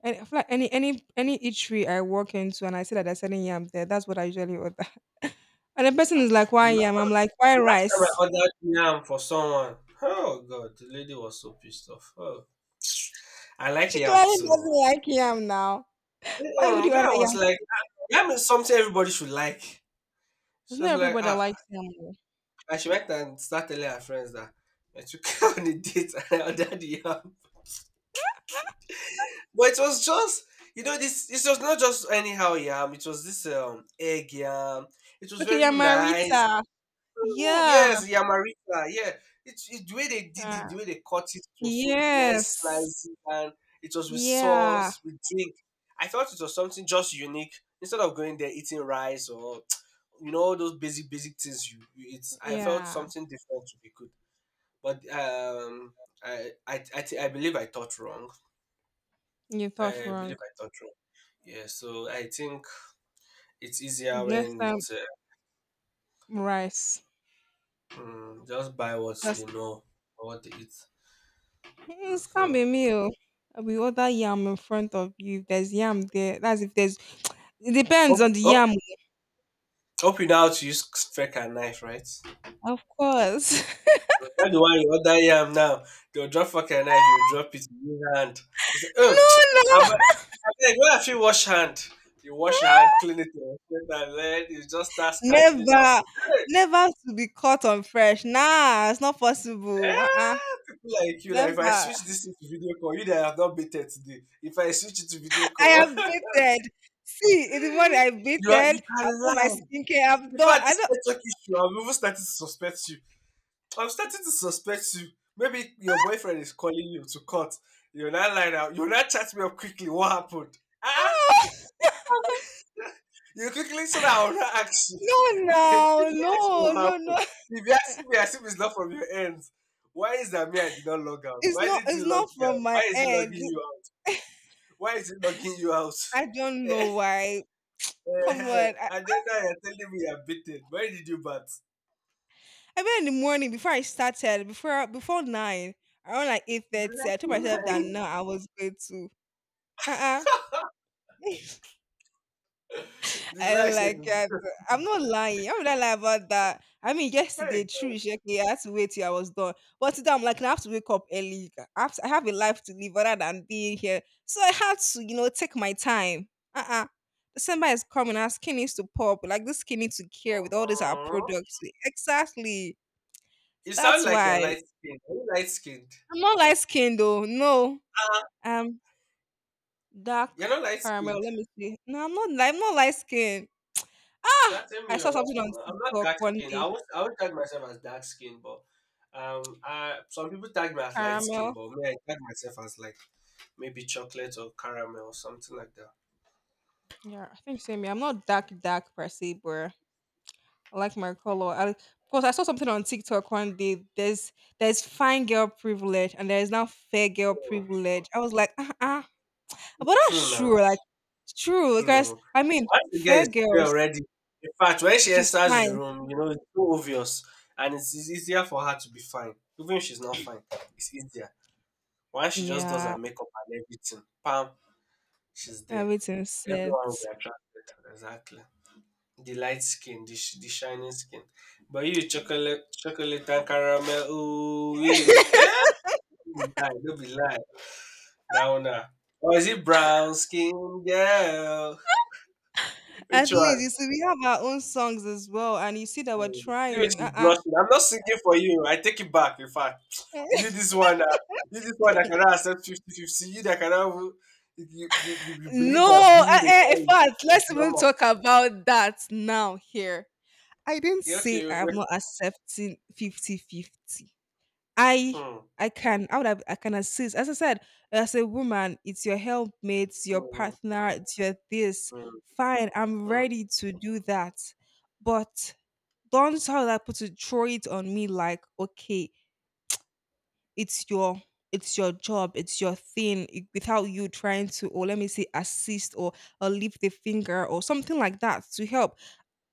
[SPEAKER 1] And I feel like any eatery I walk into and I see that they're selling yam there, that's what I usually order. <laughs> And the person is like,
[SPEAKER 2] The
[SPEAKER 1] why yam? I'm
[SPEAKER 2] last,
[SPEAKER 1] like, why
[SPEAKER 2] the last time I
[SPEAKER 1] rice? <laughs>
[SPEAKER 2] ordered yam for someone, oh god, the lady was so pissed off. Oh, <tsk> I like
[SPEAKER 1] She
[SPEAKER 2] yam
[SPEAKER 1] clearly
[SPEAKER 2] too.
[SPEAKER 1] doesn't like yam now. Why would
[SPEAKER 2] Mm-mm,
[SPEAKER 1] you
[SPEAKER 2] me, I
[SPEAKER 1] order yam
[SPEAKER 2] was like,
[SPEAKER 1] first?
[SPEAKER 2] yam is something everybody should like.
[SPEAKER 1] It's
[SPEAKER 2] So
[SPEAKER 1] not
[SPEAKER 2] it's like,
[SPEAKER 1] everybody that likes yam, oh.
[SPEAKER 2] and she went and started telling her friends that I took her <laughs> on a date and I ordered the yam. But it was just, it was not just anyhow yam. It was this egg yam. It was
[SPEAKER 1] Okay,
[SPEAKER 2] very nice. <laughs>
[SPEAKER 1] Yamarita.
[SPEAKER 2] Oh,
[SPEAKER 1] Yeah.
[SPEAKER 2] yes, Yamarita. Yeah, the way they did it, the way they cut it was so nice
[SPEAKER 1] Yes.
[SPEAKER 2] slices, and it was with
[SPEAKER 1] Yeah.
[SPEAKER 2] sauce, with drink. I thought it was something just unique. Instead of going there eating rice or <tsk> all those basic basic things you eat, I felt
[SPEAKER 1] Yeah.
[SPEAKER 2] something different to be good. But I believe I thought wrong.
[SPEAKER 1] You
[SPEAKER 2] I
[SPEAKER 1] thought
[SPEAKER 2] Mm. believe
[SPEAKER 1] wrong.
[SPEAKER 2] I thought wrong. Yeah, so I think it's easier
[SPEAKER 1] Next
[SPEAKER 2] when
[SPEAKER 1] time,
[SPEAKER 2] it's
[SPEAKER 1] rice.
[SPEAKER 2] just buy what they
[SPEAKER 1] Just
[SPEAKER 2] know or what they eat.
[SPEAKER 1] "Mm, it's gonna
[SPEAKER 2] Mhm.
[SPEAKER 1] be a meal. We order yam in front of you. If there's yam there, that's if there's. <tsk> It depends on the
[SPEAKER 2] Hope,
[SPEAKER 1] yam,
[SPEAKER 2] up you now to use fork and knife, right? But
[SPEAKER 1] of course.
[SPEAKER 2] not the one you order yam now. They'll drop fork and knife, you drop it in your hand. You say, I'm
[SPEAKER 1] <laughs> No, no,
[SPEAKER 2] like, when I feel wash hand, you wash your hand, clean it, you wash it, and then you just start scattering down
[SPEAKER 1] never,
[SPEAKER 2] food. Hey,
[SPEAKER 1] never to be caught on fresh. Nah, it's not possible.
[SPEAKER 2] eh, people like you, like if I
[SPEAKER 1] Never.
[SPEAKER 2] switch this into video call, you that have not baited today. If I switch it to video
[SPEAKER 1] I
[SPEAKER 2] call,
[SPEAKER 1] have baited. See, it's the
[SPEAKER 2] <laughs>
[SPEAKER 1] one I
[SPEAKER 2] you
[SPEAKER 1] baited. I've
[SPEAKER 2] can
[SPEAKER 1] done my
[SPEAKER 2] lie.
[SPEAKER 1] skincare. I've
[SPEAKER 2] In
[SPEAKER 1] done.
[SPEAKER 2] fact,
[SPEAKER 1] I
[SPEAKER 2] this network issue, I'm even starting to suspect you. I'm starting to suspect you. Maybe your boyfriend is calling you to court. You're not lying out. You're not chat me up quickly. What happened? Ah,
[SPEAKER 1] don't. <gasps> <laughs>
[SPEAKER 2] <laughs> you quickly so that I'll not ask you. <laughs>
[SPEAKER 1] No,
[SPEAKER 2] You
[SPEAKER 1] no,
[SPEAKER 2] quickly ask me
[SPEAKER 1] no,
[SPEAKER 2] what
[SPEAKER 1] no,
[SPEAKER 2] happened.
[SPEAKER 1] no.
[SPEAKER 2] If you ask me, as if it's not from your end. Why is that me? I did not log out.
[SPEAKER 1] It's
[SPEAKER 2] Why
[SPEAKER 1] not.
[SPEAKER 2] did he
[SPEAKER 1] It's
[SPEAKER 2] log
[SPEAKER 1] not
[SPEAKER 2] me out?
[SPEAKER 1] from my
[SPEAKER 2] Why is he
[SPEAKER 1] end.
[SPEAKER 2] logging you out? Why is he logging you out?
[SPEAKER 1] I
[SPEAKER 2] <laughs>
[SPEAKER 1] don't
[SPEAKER 2] Eh,
[SPEAKER 1] know why.
[SPEAKER 2] eh,
[SPEAKER 1] Come
[SPEAKER 2] eh.
[SPEAKER 1] on.
[SPEAKER 2] And then now you're telling me you're beaten. Why did you bat?
[SPEAKER 1] I mean, in the morning before I started, before nine, around like eight
[SPEAKER 2] <laughs> You
[SPEAKER 1] thirty, I told
[SPEAKER 2] like
[SPEAKER 1] myself that
[SPEAKER 2] lying.
[SPEAKER 1] no, I was going to. Uh uh <laughs>
[SPEAKER 2] <laughs> The
[SPEAKER 1] I don't like
[SPEAKER 2] license.
[SPEAKER 1] that. I'm not lying. How would I lie about that? I mean, yesterday,
[SPEAKER 2] Hey,
[SPEAKER 1] true,
[SPEAKER 2] God.
[SPEAKER 1] it's like, yeah, I had to wait till I was done. But today, I'm like, I have to wake up early. I have a life to live other than being here. So I had to, take my time. Uh-uh. December is coming. Our skin needs to pop. Like, this skin needs to care with all these our
[SPEAKER 2] Mhm.
[SPEAKER 1] products. Exactly.
[SPEAKER 2] You sound
[SPEAKER 1] That's
[SPEAKER 2] like you're
[SPEAKER 1] why.
[SPEAKER 2] light skinned. Are you light skinned?
[SPEAKER 1] I'm not light skinned, though. No.
[SPEAKER 2] Ah,
[SPEAKER 1] Um, dark
[SPEAKER 2] you're not light
[SPEAKER 1] caramel.
[SPEAKER 2] skinned.
[SPEAKER 1] Let me see. No, I'm not light skinned. Ah!
[SPEAKER 2] Shut
[SPEAKER 1] I
[SPEAKER 2] me up.
[SPEAKER 1] saw something on
[SPEAKER 2] I'm not
[SPEAKER 1] TikTok
[SPEAKER 2] dark
[SPEAKER 1] one
[SPEAKER 2] skinned. I
[SPEAKER 1] day.
[SPEAKER 2] would tag myself as dark skinned, but some people tag me as light skinned,
[SPEAKER 1] Caramel.
[SPEAKER 2] but me I tag myself as like maybe chocolate or caramel or something like that.
[SPEAKER 1] Yeah, I think same. Yeah, I'm not dark dark per se, but I like my color. Because I saw something on TikTok one day. There's fine girl privilege and there's now fair girl
[SPEAKER 2] Oh,
[SPEAKER 1] privilege. I was like, uh,
[SPEAKER 2] it's
[SPEAKER 1] but
[SPEAKER 2] true
[SPEAKER 1] that's true.
[SPEAKER 2] now.
[SPEAKER 1] Like, it's true because
[SPEAKER 2] True.
[SPEAKER 1] I mean,
[SPEAKER 2] Once the girl
[SPEAKER 1] fair
[SPEAKER 2] is fair
[SPEAKER 1] girls,
[SPEAKER 2] already, in fact, when she
[SPEAKER 1] she's
[SPEAKER 2] enters the
[SPEAKER 1] fine.
[SPEAKER 2] room, it's so obvious and it's easier for her to be fine. Even if she's not fine, it's easier. While she just does
[SPEAKER 1] Yeah,
[SPEAKER 2] her makeup and everything, pam, she's there.
[SPEAKER 1] everything set.
[SPEAKER 2] Everyone will be attracted. Exactly. The light skin, the shining skin. But you, chocolate, chocolate and caramel, ooh, you. Eh? Don't be lie, don't be lie. Now, now. Or is it brown skin girl? Which
[SPEAKER 1] At least
[SPEAKER 2] one?
[SPEAKER 1] you see, we have our own songs as well, and you see that we're
[SPEAKER 2] See the way
[SPEAKER 1] trying.
[SPEAKER 2] she's blushing. I'm not singing for you. I take it back. In fact, you
[SPEAKER 1] <laughs>
[SPEAKER 2] this one, uh, you this one that cannot accept 50-50. You that cannot. You you believe that
[SPEAKER 1] No,
[SPEAKER 2] billing a guy
[SPEAKER 1] in
[SPEAKER 2] is,
[SPEAKER 1] fact,
[SPEAKER 2] is
[SPEAKER 1] let's even
[SPEAKER 2] normal.
[SPEAKER 1] talk about that now here. I didn't
[SPEAKER 2] Yeah,
[SPEAKER 1] say
[SPEAKER 2] okay. Wait,
[SPEAKER 1] I'm
[SPEAKER 2] wait.
[SPEAKER 1] not accepting fifty fifty. I
[SPEAKER 2] Hmm.
[SPEAKER 1] I can I can assist. As I said, as a woman, it's your helpmate, it's your
[SPEAKER 2] Hmm.
[SPEAKER 1] partner, it's your this.
[SPEAKER 2] Hmm.
[SPEAKER 1] Fine, I'm
[SPEAKER 2] Hmm.
[SPEAKER 1] ready to do that. But don't tell that put to throw it on me like, okay, it's your it's your job, it's your thing, it- without you trying to, or let me say, assist or lift the finger or something like that to help.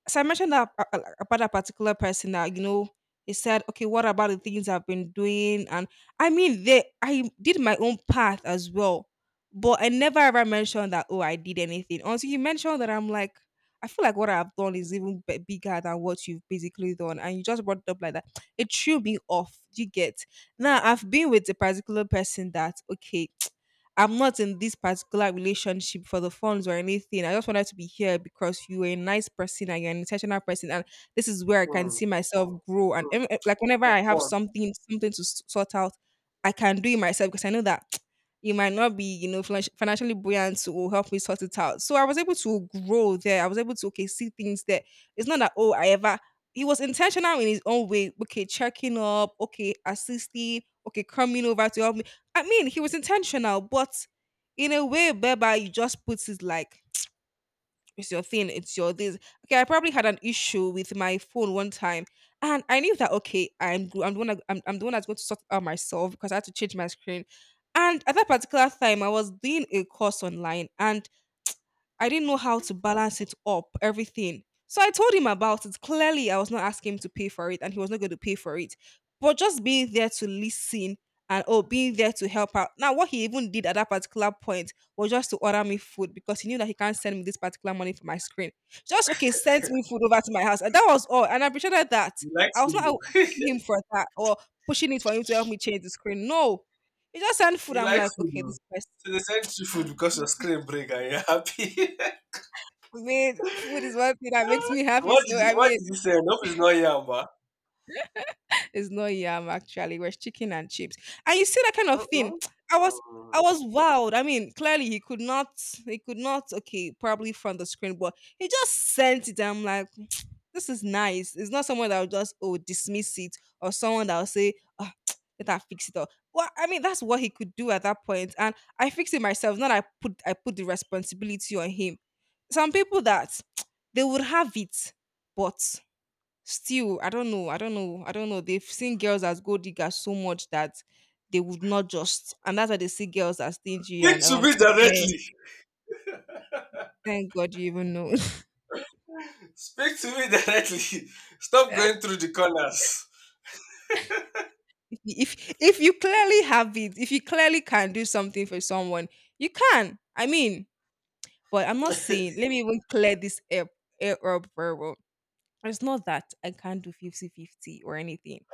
[SPEAKER 1] So I mentioned that about that particular person, that you know he said, okay, what about the things I've been doing? And I mean, they I did my own path as well, but I never ever mentioned that. Oh, I did anything until you mentioned that. I'm like, I feel like what I've done is even bigger than what you've basically done, and you just brought it up like that. It threw me off. You get now. I've been with a particular person that okay. I'm not in this particular relationship for the funds or anything. I just wanted to be here because you are a nice person and you're an intentional person, and this is where I can
[SPEAKER 2] Hmm.
[SPEAKER 1] see myself grow. And
[SPEAKER 2] Hmm.
[SPEAKER 1] like whenever
[SPEAKER 2] For
[SPEAKER 1] I have
[SPEAKER 2] fun.
[SPEAKER 1] something to s- sort out, I can do it myself because I know that <tsk> you might not be you know financially buoyant to help me sort it out. So I was able to grow there. I was able to okay see things there. It's not that oh I ever. He was intentional in his own way. Okay, checking up. Okay, assisting. Okay, coming over to help. I mean, he was intentional, but in a way whereby you just put it like it's your thing, it's your this. Okay, I probably had an issue with my phone one time, and I knew that okay, I'm the one that's going to sort it out myself because I had to change my screen. And at that particular time, I was doing a course online, and I didn't know how to balance it up, everything. So I told him about it. Clearly, I was not asking him to pay for it and he was not going to pay for it. But just being there to listen and oh, being there to help out. Now, what he even did at that particular point was just to order me food because he knew that he can't send me this particular money for my screen. Just okay, send me food over to my house. And that was all. And I appreciated that.
[SPEAKER 2] You like
[SPEAKER 1] I was not
[SPEAKER 2] food, oh.
[SPEAKER 1] asking him for that or pushing it for him to help me change the screen. No. He just sent
[SPEAKER 2] <laughs>
[SPEAKER 1] food.
[SPEAKER 2] You
[SPEAKER 1] I'm
[SPEAKER 2] like
[SPEAKER 1] like,
[SPEAKER 2] food,
[SPEAKER 1] okay,
[SPEAKER 2] oh.
[SPEAKER 1] this person,
[SPEAKER 2] So they sent you food because your screen break and you're happy.
[SPEAKER 1] I mean, food is one thing that makes me
[SPEAKER 2] <laughs>
[SPEAKER 1] happy.
[SPEAKER 2] what
[SPEAKER 1] So
[SPEAKER 2] did he,
[SPEAKER 1] I
[SPEAKER 2] what
[SPEAKER 1] mean,
[SPEAKER 2] did he say? Enough is not here, but.
[SPEAKER 1] it's not yam actually. It was chicken and chips. And you see that kind of thing.
[SPEAKER 2] Mm-mm.
[SPEAKER 1] <tsk> I was I
[SPEAKER 2] Mm.
[SPEAKER 1] was wowed. I mean, clearly he could not okay, probably from the screen, but he just sent it. I'm like, <tsk> this is nice. It's not someone that will just oh dismiss it, or someone that will say, oh, <tsk> let her fix it up. Well, I mean, that's what he could do at that point. And I fixed it myself. Not I put the responsibility on him. Some people that <tsk> they would have it, but still I don't know I don't know I don't know, they've seen girls as gold diggers so much that they would not just, and that's why they see girls as stingy
[SPEAKER 2] Speak
[SPEAKER 1] and
[SPEAKER 2] to me
[SPEAKER 1] <tsk> man,
[SPEAKER 2] directly.
[SPEAKER 1] thank God you even know. <laughs>
[SPEAKER 2] Speak to me directly. <laughs> Stop going through the corners.
[SPEAKER 1] If you clearly have it, if you clearly can do something for someone, you can, I mean. But I'm not saying,
[SPEAKER 2] <laughs>
[SPEAKER 1] let me even clear this air up very well. It's not that I can't do 50-50 or anything.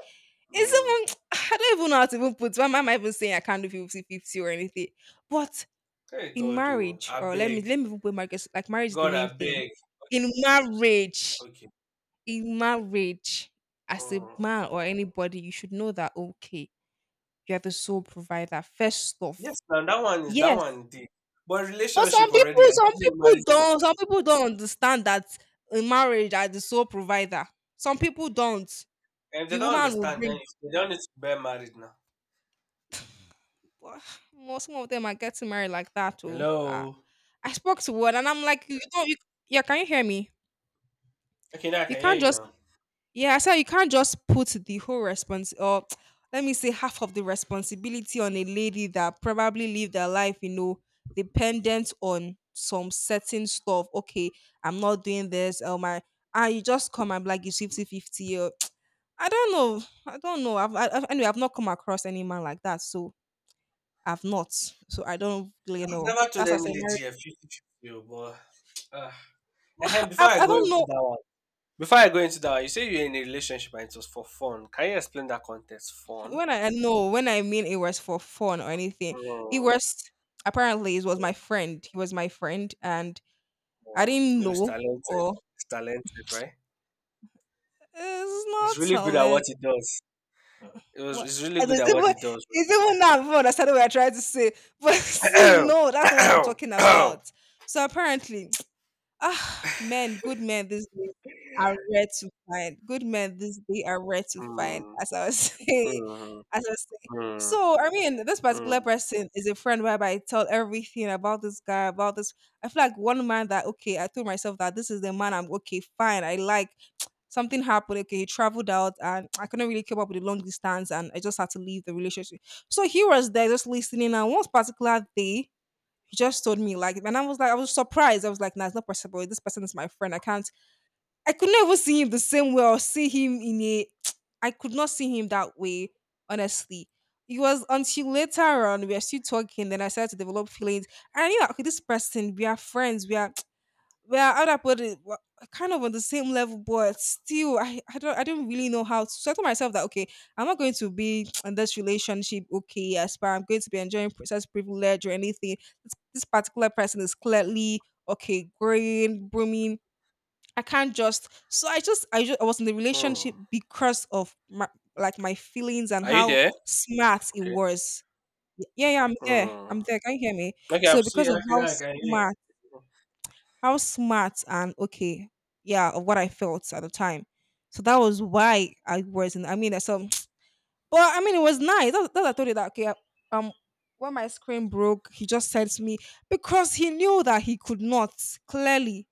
[SPEAKER 2] Mm.
[SPEAKER 1] It's even, <tsk> I don't even know how to even put my, am I even saying I can't do 50 50 or anything? But
[SPEAKER 2] Hey
[SPEAKER 1] in
[SPEAKER 2] God, oh,
[SPEAKER 1] marriage,
[SPEAKER 2] I
[SPEAKER 1] or let me
[SPEAKER 2] beg.
[SPEAKER 1] let me even put marriage, 'cause like marriage is the
[SPEAKER 2] God,
[SPEAKER 1] main
[SPEAKER 2] I
[SPEAKER 1] thing.
[SPEAKER 2] beg.
[SPEAKER 1] In marriage,
[SPEAKER 2] Okay.
[SPEAKER 1] in marriage, as a
[SPEAKER 2] Mm.
[SPEAKER 1] man or anybody, you should know that okay, you are the sole provider. First off,
[SPEAKER 2] Yes, now that one is that
[SPEAKER 1] yes.
[SPEAKER 2] one indeed. But
[SPEAKER 1] But some
[SPEAKER 2] relationship
[SPEAKER 1] people,
[SPEAKER 2] already, I
[SPEAKER 1] some
[SPEAKER 2] give you marriage
[SPEAKER 1] people don't. Some
[SPEAKER 2] responsibility.
[SPEAKER 1] people don't understand that in marriage, are the sole provider. Some people don't.
[SPEAKER 2] And if they
[SPEAKER 1] The
[SPEAKER 2] don't
[SPEAKER 1] woman will
[SPEAKER 2] understand, then
[SPEAKER 1] bring. <sighs>
[SPEAKER 2] they don't need to bear married now.
[SPEAKER 1] But well, most some of them are getting married like that. Oh, ah.
[SPEAKER 2] Hello.
[SPEAKER 1] I spoke to one, and I'm like, you don't. You, yeah, can you hear me?
[SPEAKER 2] Okay, now I
[SPEAKER 1] You
[SPEAKER 2] can hear
[SPEAKER 1] can't
[SPEAKER 2] you
[SPEAKER 1] just,
[SPEAKER 2] now.
[SPEAKER 1] yeah, so you can't just put the whole response, or <tsk> let me say half of the responsibility, on a lady that probably lived their life, dependent on some certain stuff. Okay, I'm not doing this. Oh my, and you just come and be like it's 50-50. Or, <tsk> I don't know. I don't know. Anyway, I've not come across any man like that. So I've not. So I don't really
[SPEAKER 2] I've
[SPEAKER 1] know.
[SPEAKER 2] never told
[SPEAKER 1] That's what
[SPEAKER 2] any
[SPEAKER 1] I say, married.
[SPEAKER 2] lady a 50-50, oh, but uh, and
[SPEAKER 1] <laughs>
[SPEAKER 2] before
[SPEAKER 1] I,
[SPEAKER 2] I
[SPEAKER 1] I
[SPEAKER 2] go
[SPEAKER 1] don't
[SPEAKER 2] into
[SPEAKER 1] know.
[SPEAKER 2] that one, you say you're in a relationship and it was for fun. Can you explain that context? Fun?
[SPEAKER 1] When I no, when I mean it was for fun or anything, it
[SPEAKER 2] Mm,
[SPEAKER 1] was, apparently it was my friend. He was my friend, and I
[SPEAKER 2] mm.
[SPEAKER 1] didn't
[SPEAKER 2] He was
[SPEAKER 1] know,
[SPEAKER 2] talented.
[SPEAKER 1] or
[SPEAKER 2] He's talented, right?
[SPEAKER 1] it's
[SPEAKER 2] He's
[SPEAKER 1] not
[SPEAKER 2] really good at what
[SPEAKER 1] telling
[SPEAKER 2] he does. It was,
[SPEAKER 1] what.
[SPEAKER 2] he's
[SPEAKER 1] <laughs>
[SPEAKER 2] really
[SPEAKER 1] And
[SPEAKER 2] good
[SPEAKER 1] It's
[SPEAKER 2] at what he
[SPEAKER 1] even,
[SPEAKER 2] does.
[SPEAKER 1] it's even not fun. That's not what I tried to say. But <laughs> see,
[SPEAKER 2] Right?
[SPEAKER 1] no, that's not what I'm talking
[SPEAKER 2] <coughs>
[SPEAKER 1] about. So apparently, ah, men, good men these days are rare to find. Good men these days are rare to find,
[SPEAKER 2] Mm,
[SPEAKER 1] as I was <laughs> saying.
[SPEAKER 2] mm,
[SPEAKER 1] As I was saying.
[SPEAKER 2] mm,
[SPEAKER 1] So, I mean, this particular
[SPEAKER 2] mm,
[SPEAKER 1] person is a friend whereby I tell everything about, this guy, about this. I feel like one man that, okay, I told myself that this is the man I'm okay, fine, I like. Something happened, okay, he traveled out and I couldn't really keep up with the long distance, and I just had to leave the relationship. So he was there just listening. And one particular day, he just told me, like, and I was like, I was surprised. I was like, nah, it's not possible. This person is my friend. I can't. I could never see him the same way, or see him in a. <tsk> I could not see him that way. Honestly, it was until later on, we are still talking. Then I started to develop feelings. And I knew, okay, this person. We are friends. We are, well, how do I put it? Well, kind of on the same level, but still I don't really know how to. So I told myself that okay, I'm not going to be <tsk> in this relationship, okay, yes, but I'm going to be enjoying princess privilege or anything. This particular person is clearly okay, growing, blooming. I can't just, so I was in the
[SPEAKER 2] mm.
[SPEAKER 1] relationship because of my, like, my feelings and
[SPEAKER 2] Are you
[SPEAKER 1] how
[SPEAKER 2] there?
[SPEAKER 1] smart it
[SPEAKER 2] Okay.
[SPEAKER 1] was. Yeah, yeah, i'm there
[SPEAKER 2] Mm.
[SPEAKER 1] i'm there can you hear me?
[SPEAKER 2] Okay, I'm
[SPEAKER 1] So
[SPEAKER 2] seeing.
[SPEAKER 1] because of
[SPEAKER 2] Okay,
[SPEAKER 1] how
[SPEAKER 2] now I can hear
[SPEAKER 1] smart,
[SPEAKER 2] you.
[SPEAKER 1] and okay, yeah, of what I felt at the time. So that was why I wasn't. I mean, so <sniffs> <tsk> but I mean, it was nice. That I told you that okay, um, when my screen broke, he just said to me, because he knew that he could not, clearly.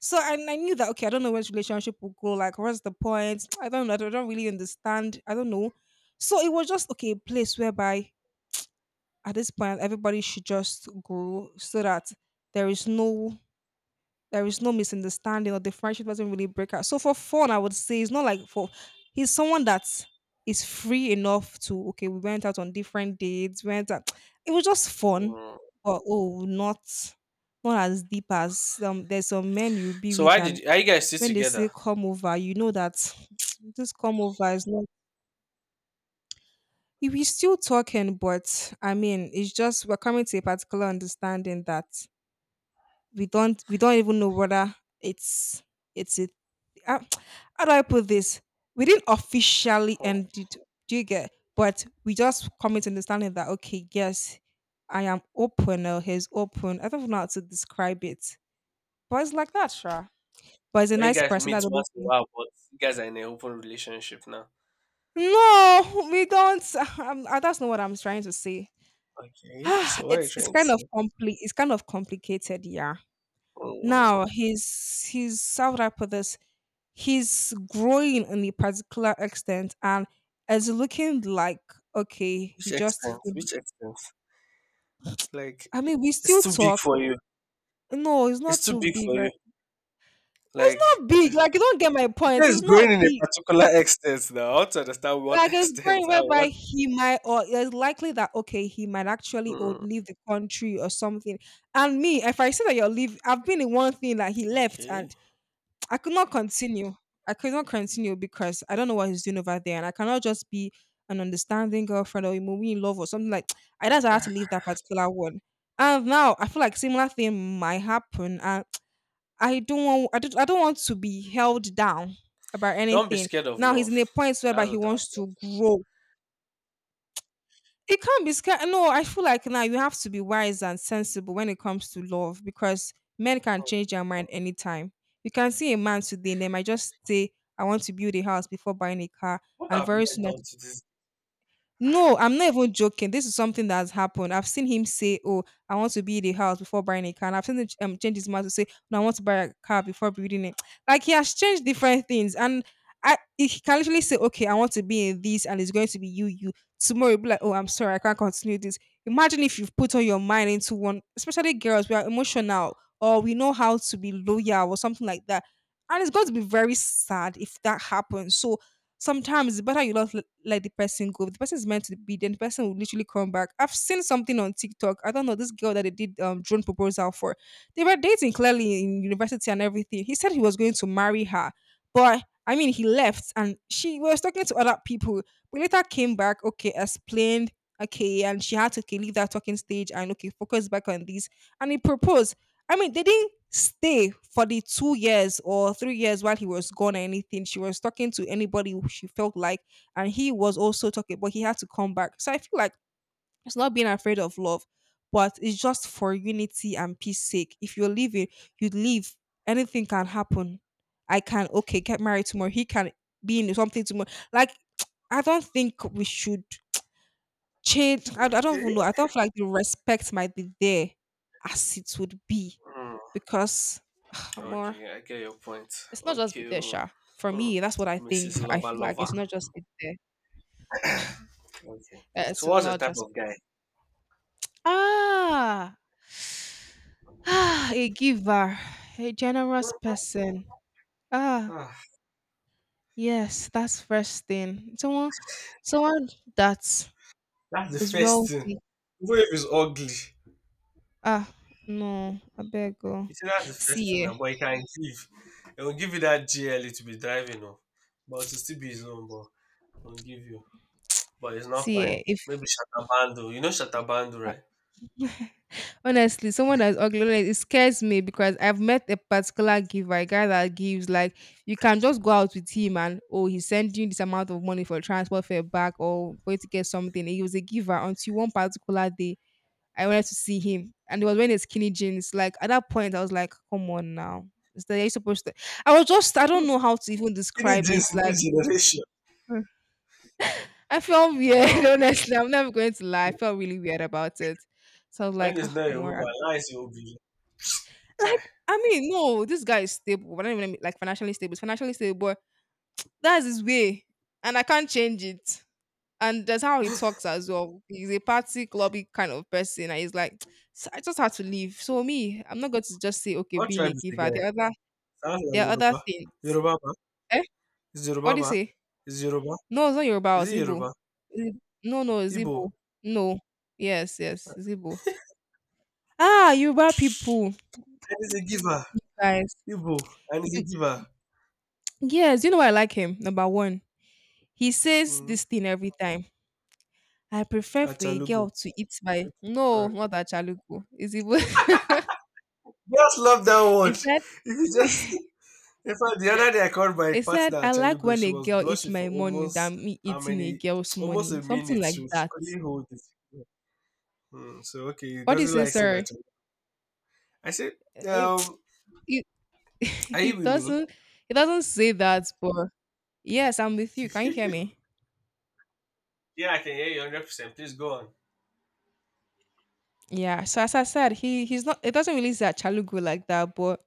[SPEAKER 1] So, and I knew that okay, I don't know where this relationship will go. Like, what's the point? <sniffs> <tsk> I don't know. I don't really understand. I don't know. So it was just, okay, a place whereby at this point everybody should just grow, so that there is no there is no misunderstanding, or the friendship doesn't really break out. So for fun, I would say it's not like for, he's someone that is free enough to, okay, we went out on different dates, went out. <tsk> It was just fun,
[SPEAKER 2] Mm.
[SPEAKER 1] but oh, not as deep as. There's some men you be
[SPEAKER 2] So
[SPEAKER 1] with,
[SPEAKER 2] why
[SPEAKER 1] and
[SPEAKER 2] did are you guys still
[SPEAKER 1] when they
[SPEAKER 2] together?
[SPEAKER 1] say come over, you know that <tsk> this come over is not. If we still talking, but I mean, it's just we're coming to a particular understanding that we don't even know whether it's it's a uh, how do I put this? We didn't officially
[SPEAKER 2] Hmm.
[SPEAKER 1] end it. Do you get? But we just come to understanding that okay, yes, I am open, or he's open. I don't know how to describe it, but it's like that, sure. But he's a
[SPEAKER 2] When you
[SPEAKER 1] nice
[SPEAKER 2] guys
[SPEAKER 1] person.
[SPEAKER 2] meet
[SPEAKER 1] That's the only
[SPEAKER 2] once in a
[SPEAKER 1] thing.
[SPEAKER 2] while, but you guys are in an open relationship now.
[SPEAKER 1] No, we don't. <laughs> That's not what I'm trying to say. <sighs>
[SPEAKER 2] Okay.
[SPEAKER 1] Ah,
[SPEAKER 2] So what are you
[SPEAKER 1] it's
[SPEAKER 2] trying to say?
[SPEAKER 1] It's kind of complicated, yeah.
[SPEAKER 2] Hmm.
[SPEAKER 1] Now he's how would I put this? He's growing in a particular extent, and it's looking like okay,
[SPEAKER 2] Which
[SPEAKER 1] he just
[SPEAKER 2] extent?
[SPEAKER 1] failed.
[SPEAKER 2] Which extent? Like
[SPEAKER 1] I mean, we
[SPEAKER 2] it's
[SPEAKER 1] still
[SPEAKER 2] too big
[SPEAKER 1] talk.
[SPEAKER 2] for you.
[SPEAKER 1] No, it's
[SPEAKER 2] It's
[SPEAKER 1] not
[SPEAKER 2] too
[SPEAKER 1] too
[SPEAKER 2] big for
[SPEAKER 1] big,
[SPEAKER 2] you.
[SPEAKER 1] right? It's
[SPEAKER 2] Like
[SPEAKER 1] not big. Like, you don't get my
[SPEAKER 2] it
[SPEAKER 1] point,
[SPEAKER 2] says
[SPEAKER 1] it's
[SPEAKER 2] it's growing
[SPEAKER 1] not
[SPEAKER 2] in a
[SPEAKER 1] big.
[SPEAKER 2] particular <laughs> extent now. I want to understand what <laughs>
[SPEAKER 1] Like, it's
[SPEAKER 2] extent
[SPEAKER 1] going
[SPEAKER 2] and
[SPEAKER 1] whereby
[SPEAKER 2] what.
[SPEAKER 1] he might, or it's likely that okay, he might actually, or
[SPEAKER 2] Hmm,
[SPEAKER 1] leave the country or something. And me, if I say that you're leave, I've been in one thing that he left,
[SPEAKER 2] okay.
[SPEAKER 1] and I could not continue. I could not continue, because I don't know what he's doing over there, and I cannot just be an understanding girlfriend or moving in love or something like. <tsk> I just had to leave that particular one, and now I feel like similar thing might happen, and <tsk> I don't want. I don't. I don't want to be held down about
[SPEAKER 2] Don't be
[SPEAKER 1] anything.
[SPEAKER 2] scared of
[SPEAKER 1] Now he's in
[SPEAKER 2] love.
[SPEAKER 1] a point whereby
[SPEAKER 2] That's
[SPEAKER 1] he
[SPEAKER 2] what I'd
[SPEAKER 1] wants to grow, it can't be scared. No, I feel like now you have to be wise and sensible when it comes to love, because men can change their mind anytime. You can see a man today and they might just say, I want to build a house before buying a car.
[SPEAKER 2] what
[SPEAKER 1] And
[SPEAKER 2] have
[SPEAKER 1] very
[SPEAKER 2] men
[SPEAKER 1] soon,
[SPEAKER 2] done to this?
[SPEAKER 1] no, I'm not even joking. This is something that has happened. I've seen him say, "Oh, I want to build a house before buying a car." And I've seen him change his mind to say, "No, I want to buy a car before building it." <tsk> Like, he has changed different things, and I he can literally say, "Okay, I want to be in this," and it's going to be you, you. Tomorrow, you'll be like, "Oh, I'm sorry, I can't continue this." Imagine if you've put all your mind into one, especially girls. We are emotional, or we know how to be loyal, or something like that, and it's going to be very sad if that happens. So sometimes the better, you not let the person go. If the person is meant to be, then the person will literally come back. I've seen something on TikTok. I don't know this girl that they did drone proposal for. They were dating clearly in university and everything. He said he was going to marry her, but he left and she was talking to other people. But later came back. Okay, explained. Okay, and she had to, okay, leave that talking stage and, okay, focus back on this. And he proposed. They didn't stay for the 2 years or 3 years while he was gone or anything. She was talking to anybody who she felt like, and he was also talking, but he had to come back. So I feel like it's not being afraid of love, but it's just for unity and peace sake. If you're leaving, you leave. Anything can happen. I can, okay, get married tomorrow. He can be in something tomorrow. Like I don't think we should change. I don't
[SPEAKER 2] Okay.
[SPEAKER 1] even know. I thought like the respect might be there as it would be
[SPEAKER 2] Hmm,
[SPEAKER 1] because <sighs> more
[SPEAKER 2] okay, I get your point.
[SPEAKER 1] it's not just be
[SPEAKER 2] Okay,
[SPEAKER 1] there,
[SPEAKER 2] oh.
[SPEAKER 1] Sha. For
[SPEAKER 2] Hmm.
[SPEAKER 1] me, that's what I think.
[SPEAKER 2] Mrs.
[SPEAKER 1] I
[SPEAKER 2] Lover
[SPEAKER 1] feel like
[SPEAKER 2] Lover.
[SPEAKER 1] it's not just be there. <sighs>
[SPEAKER 2] Okay. So
[SPEAKER 1] It's
[SPEAKER 2] what's the
[SPEAKER 1] not
[SPEAKER 2] type
[SPEAKER 1] just
[SPEAKER 2] of guy?
[SPEAKER 1] ah <sighs> ah a giver, a generous person. Ah,
[SPEAKER 2] Ah,
[SPEAKER 1] yes, that's first thing. Someone that
[SPEAKER 2] that's the
[SPEAKER 1] is
[SPEAKER 2] first thing.
[SPEAKER 1] wealthy.
[SPEAKER 2] Even if it's ugly.
[SPEAKER 1] Ah, no, I beg. Oh.
[SPEAKER 2] You see, that's the first thing
[SPEAKER 1] See, eh,
[SPEAKER 2] now, but he can give. He will give you that GL to be driving off. But to still be his own, but he'll give you. But it's not
[SPEAKER 1] see,
[SPEAKER 2] fine.
[SPEAKER 1] eh, if
[SPEAKER 2] Maybe Shatabando. You know Shatabando, right?
[SPEAKER 1] honestly, someone that's ugly, like, it scares me because I've met a particular giver, a guy that gives like you can just go out with him and, oh, he sent you this amount of money for transport fare back or for you to get something. He was a giver until one particular day I wanted to see him and he was wearing his skinny jeans. Like at that point I was like, come on now. Is that you supposed to I was just I don't know how to even
[SPEAKER 2] <laughs> Any
[SPEAKER 1] describe
[SPEAKER 2] jeans
[SPEAKER 1] it.
[SPEAKER 2] in
[SPEAKER 1] Like
[SPEAKER 2] this generation.
[SPEAKER 1] I felt weird, <laughs>
[SPEAKER 2] Wow.
[SPEAKER 1] honestly. I'm never going to lie. I felt really weird about it. So I was
[SPEAKER 2] When
[SPEAKER 1] like,
[SPEAKER 2] it's
[SPEAKER 1] oh,
[SPEAKER 2] not a woman,
[SPEAKER 1] more
[SPEAKER 2] lies it will be. Kai.
[SPEAKER 1] like, no, this guy is stable, but I don't even mean like financially stable. He's financially stable, but that's his way, and I can't change it. And that's how he talks as well. He's a party clubby kind of person, and he's like, "So I just had to leave. So me, I'm not going to just say, okay,
[SPEAKER 2] What
[SPEAKER 1] being a
[SPEAKER 2] tribe is the
[SPEAKER 1] giver.
[SPEAKER 2] guy? Sounds like
[SPEAKER 1] There are other
[SPEAKER 2] Yoruba.
[SPEAKER 1] things.
[SPEAKER 2] Yoruba, ba?
[SPEAKER 1] Eh?
[SPEAKER 2] Is Yoruba,
[SPEAKER 1] What do you
[SPEAKER 2] ba?
[SPEAKER 1] say?
[SPEAKER 2] Is Yoruba?
[SPEAKER 1] No, it's not Yoruba.
[SPEAKER 2] Is
[SPEAKER 1] It's
[SPEAKER 2] it Yoruba?
[SPEAKER 1] Igbo. No, no, it's
[SPEAKER 2] Igbo.
[SPEAKER 1] Igbo. No, yes, yes, it's Igbo. Ah, Yoruba people,
[SPEAKER 2] And he's a giver.
[SPEAKER 1] guys.
[SPEAKER 2] Igbo. And he's
[SPEAKER 1] You,
[SPEAKER 2] a giver.
[SPEAKER 1] yes, you know why I like him. Number one, he says
[SPEAKER 2] Mm.
[SPEAKER 1] this thing every time. I prefer for a
[SPEAKER 2] Achalugo.
[SPEAKER 1] girl to eat my,
[SPEAKER 2] Okay,
[SPEAKER 1] no,
[SPEAKER 2] sorry.
[SPEAKER 1] not achaluku. Is it?
[SPEAKER 2] Just love that
[SPEAKER 1] <laughs>
[SPEAKER 2] one.
[SPEAKER 1] He
[SPEAKER 2] <laughs>
[SPEAKER 1] said,
[SPEAKER 2] If you just,
[SPEAKER 1] <laughs>
[SPEAKER 2] In fact, the other day I called my
[SPEAKER 1] he said,
[SPEAKER 2] partner
[SPEAKER 1] "I
[SPEAKER 2] at
[SPEAKER 1] like
[SPEAKER 2] Chalugo.
[SPEAKER 1] when
[SPEAKER 2] She
[SPEAKER 1] a
[SPEAKER 2] was
[SPEAKER 1] girl eats
[SPEAKER 2] blushing for
[SPEAKER 1] my money
[SPEAKER 2] almost
[SPEAKER 1] than me
[SPEAKER 2] how
[SPEAKER 1] eating a
[SPEAKER 2] many,
[SPEAKER 1] girl's
[SPEAKER 2] almost
[SPEAKER 1] money."
[SPEAKER 2] a
[SPEAKER 1] Something
[SPEAKER 2] minute.
[SPEAKER 1] like that.
[SPEAKER 2] Couldn't hold it. Hmm, so okay, he
[SPEAKER 1] What do you
[SPEAKER 2] doesn't
[SPEAKER 1] say,
[SPEAKER 2] like saying that.
[SPEAKER 1] sir?
[SPEAKER 2] I said,
[SPEAKER 1] Eh,
[SPEAKER 2] um,
[SPEAKER 1] <tsk> he, <laughs>
[SPEAKER 2] are
[SPEAKER 1] he
[SPEAKER 2] you with me?
[SPEAKER 1] doesn't. He doesn't say that, but yes, I'm with you. Can you hear me?
[SPEAKER 2] <laughs> Yeah, I can hear you 100%. Please go on.
[SPEAKER 1] Yeah. So as I said, he's not. It doesn't really say achalugu like that, but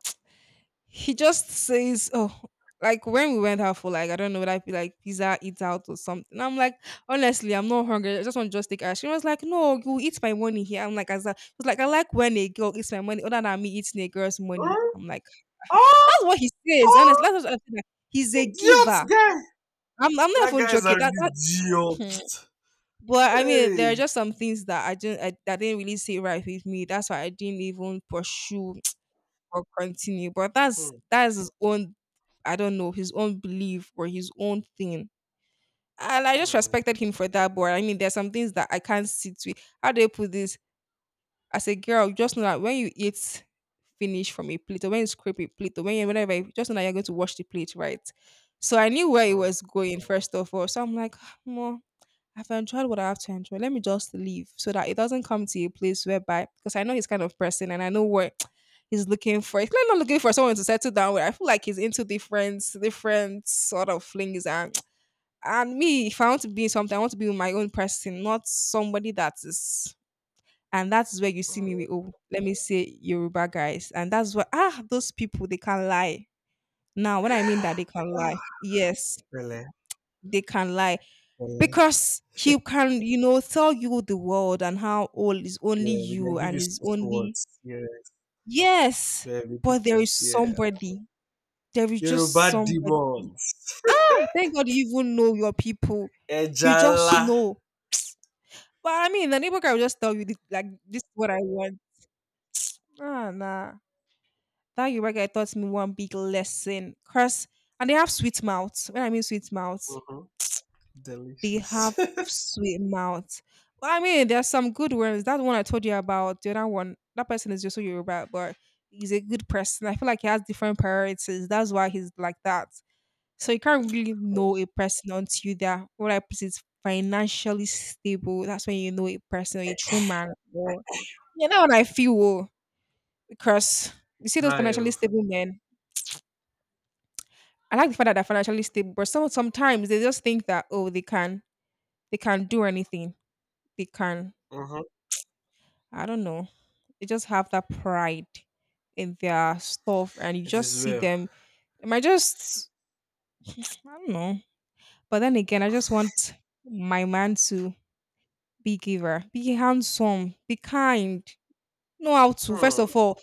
[SPEAKER 1] he just says, "Oh, like when we went out for, like, I don't know, what I feel like pizza eat out or something." I'm like, honestly, I'm not hungry. I just want to just take ice. She was like, "No, you eat my money here." I'm like, as a, she was like, I like when a girl eats my money other than me eating a girl's money.
[SPEAKER 2] Hmm?
[SPEAKER 1] I'm like,
[SPEAKER 2] Oh,
[SPEAKER 1] that's what he says. Honestly,
[SPEAKER 2] oh,
[SPEAKER 1] that's what I said. Like, he's a
[SPEAKER 2] idiot
[SPEAKER 1] giver.
[SPEAKER 2] guy.
[SPEAKER 1] I'm not
[SPEAKER 2] That
[SPEAKER 1] even
[SPEAKER 2] guy's
[SPEAKER 1] joking.
[SPEAKER 2] an
[SPEAKER 1] That that, hmm. <sniffs>
[SPEAKER 2] idiot.
[SPEAKER 1] But there are
[SPEAKER 2] Hey.
[SPEAKER 1] just some things that I didn't I, that didn't really sit right with me. That's why I didn't even pursue or continue. But
[SPEAKER 2] Hmm,
[SPEAKER 1] that's his own. I don't know, his own belief or his own thing. And I just
[SPEAKER 2] hmm,
[SPEAKER 1] respected him for that. But I mean there's some things that I can't sit with. How do I put this? As a girl, just know that when you eat finish from a plate or when you scrape a plate or when just know that you're going to wash the plate, right? So I knew where he
[SPEAKER 2] hmm,
[SPEAKER 1] was going first of all. So I'm like, more I've enjoyed what I have to enjoy. Let me just leave so that it doesn't come to a place whereby because I know he's kind of person and I know what <tsk> he's looking for. He's clearly not looking for someone to settle down with. I feel like he's into different different sort of flings and <tsk> and me, if I want to be in something, I want to be with my own person, not somebody that is, and that's where you see me
[SPEAKER 2] hmm.
[SPEAKER 1] with, oh, let me say Yoruba guys. And that's where, ah, those people they can lie. Now when I mean that they can lie, yes,
[SPEAKER 2] Really.
[SPEAKER 1] they can lie
[SPEAKER 2] Really.
[SPEAKER 1] because he can, you know, tell you the world and how all is only
[SPEAKER 2] Yeah, we can
[SPEAKER 1] you
[SPEAKER 2] give
[SPEAKER 1] and
[SPEAKER 2] you
[SPEAKER 1] is
[SPEAKER 2] six
[SPEAKER 1] only,
[SPEAKER 2] words. Yeah,
[SPEAKER 1] yes,
[SPEAKER 2] yeah, we did
[SPEAKER 1] but there
[SPEAKER 2] that.
[SPEAKER 1] is
[SPEAKER 2] Yeah.
[SPEAKER 1] somebody, there is just
[SPEAKER 2] Yoruba
[SPEAKER 1] somebody.
[SPEAKER 2] demons.
[SPEAKER 1] Ah, thank God you even know your people.
[SPEAKER 2] <laughs>
[SPEAKER 1] You just
[SPEAKER 2] Ejala.
[SPEAKER 1] know. But the neighbor guy will just tell you this, like this is what I want. Ah, nah, that your guy taught me one big lesson cause and they have sweet mouths. When I mean sweet mouths,
[SPEAKER 2] Mm-hmm.
[SPEAKER 1] they
[SPEAKER 2] Delicious.
[SPEAKER 1] have
[SPEAKER 2] <laughs>
[SPEAKER 1] sweet mouths. Well, there's some good ones. That one I told you about, the other one, that person is just so you, but he's a good person. I feel like he has different priorities. That's why he's like that. So you can't really know a person until you there. What I put is financially stable. That's when you know a person, a true man. Or you know what I feel, oh, because you see those financially
[SPEAKER 2] Live.
[SPEAKER 1] stable men. I like the fact that they're financially stable, but some sometimes they just think that, oh, they can, they can do anything. They can,
[SPEAKER 2] Mm-hmm.
[SPEAKER 1] I don't know. They just have that pride in their stuff, and you
[SPEAKER 2] It
[SPEAKER 1] just
[SPEAKER 2] is
[SPEAKER 1] see
[SPEAKER 2] well.
[SPEAKER 1] them. They might just, <sniffs> I don't know. But then again, I just want my man to be giver, be handsome, be kind, know how to. First
[SPEAKER 2] Hmm.
[SPEAKER 1] of all,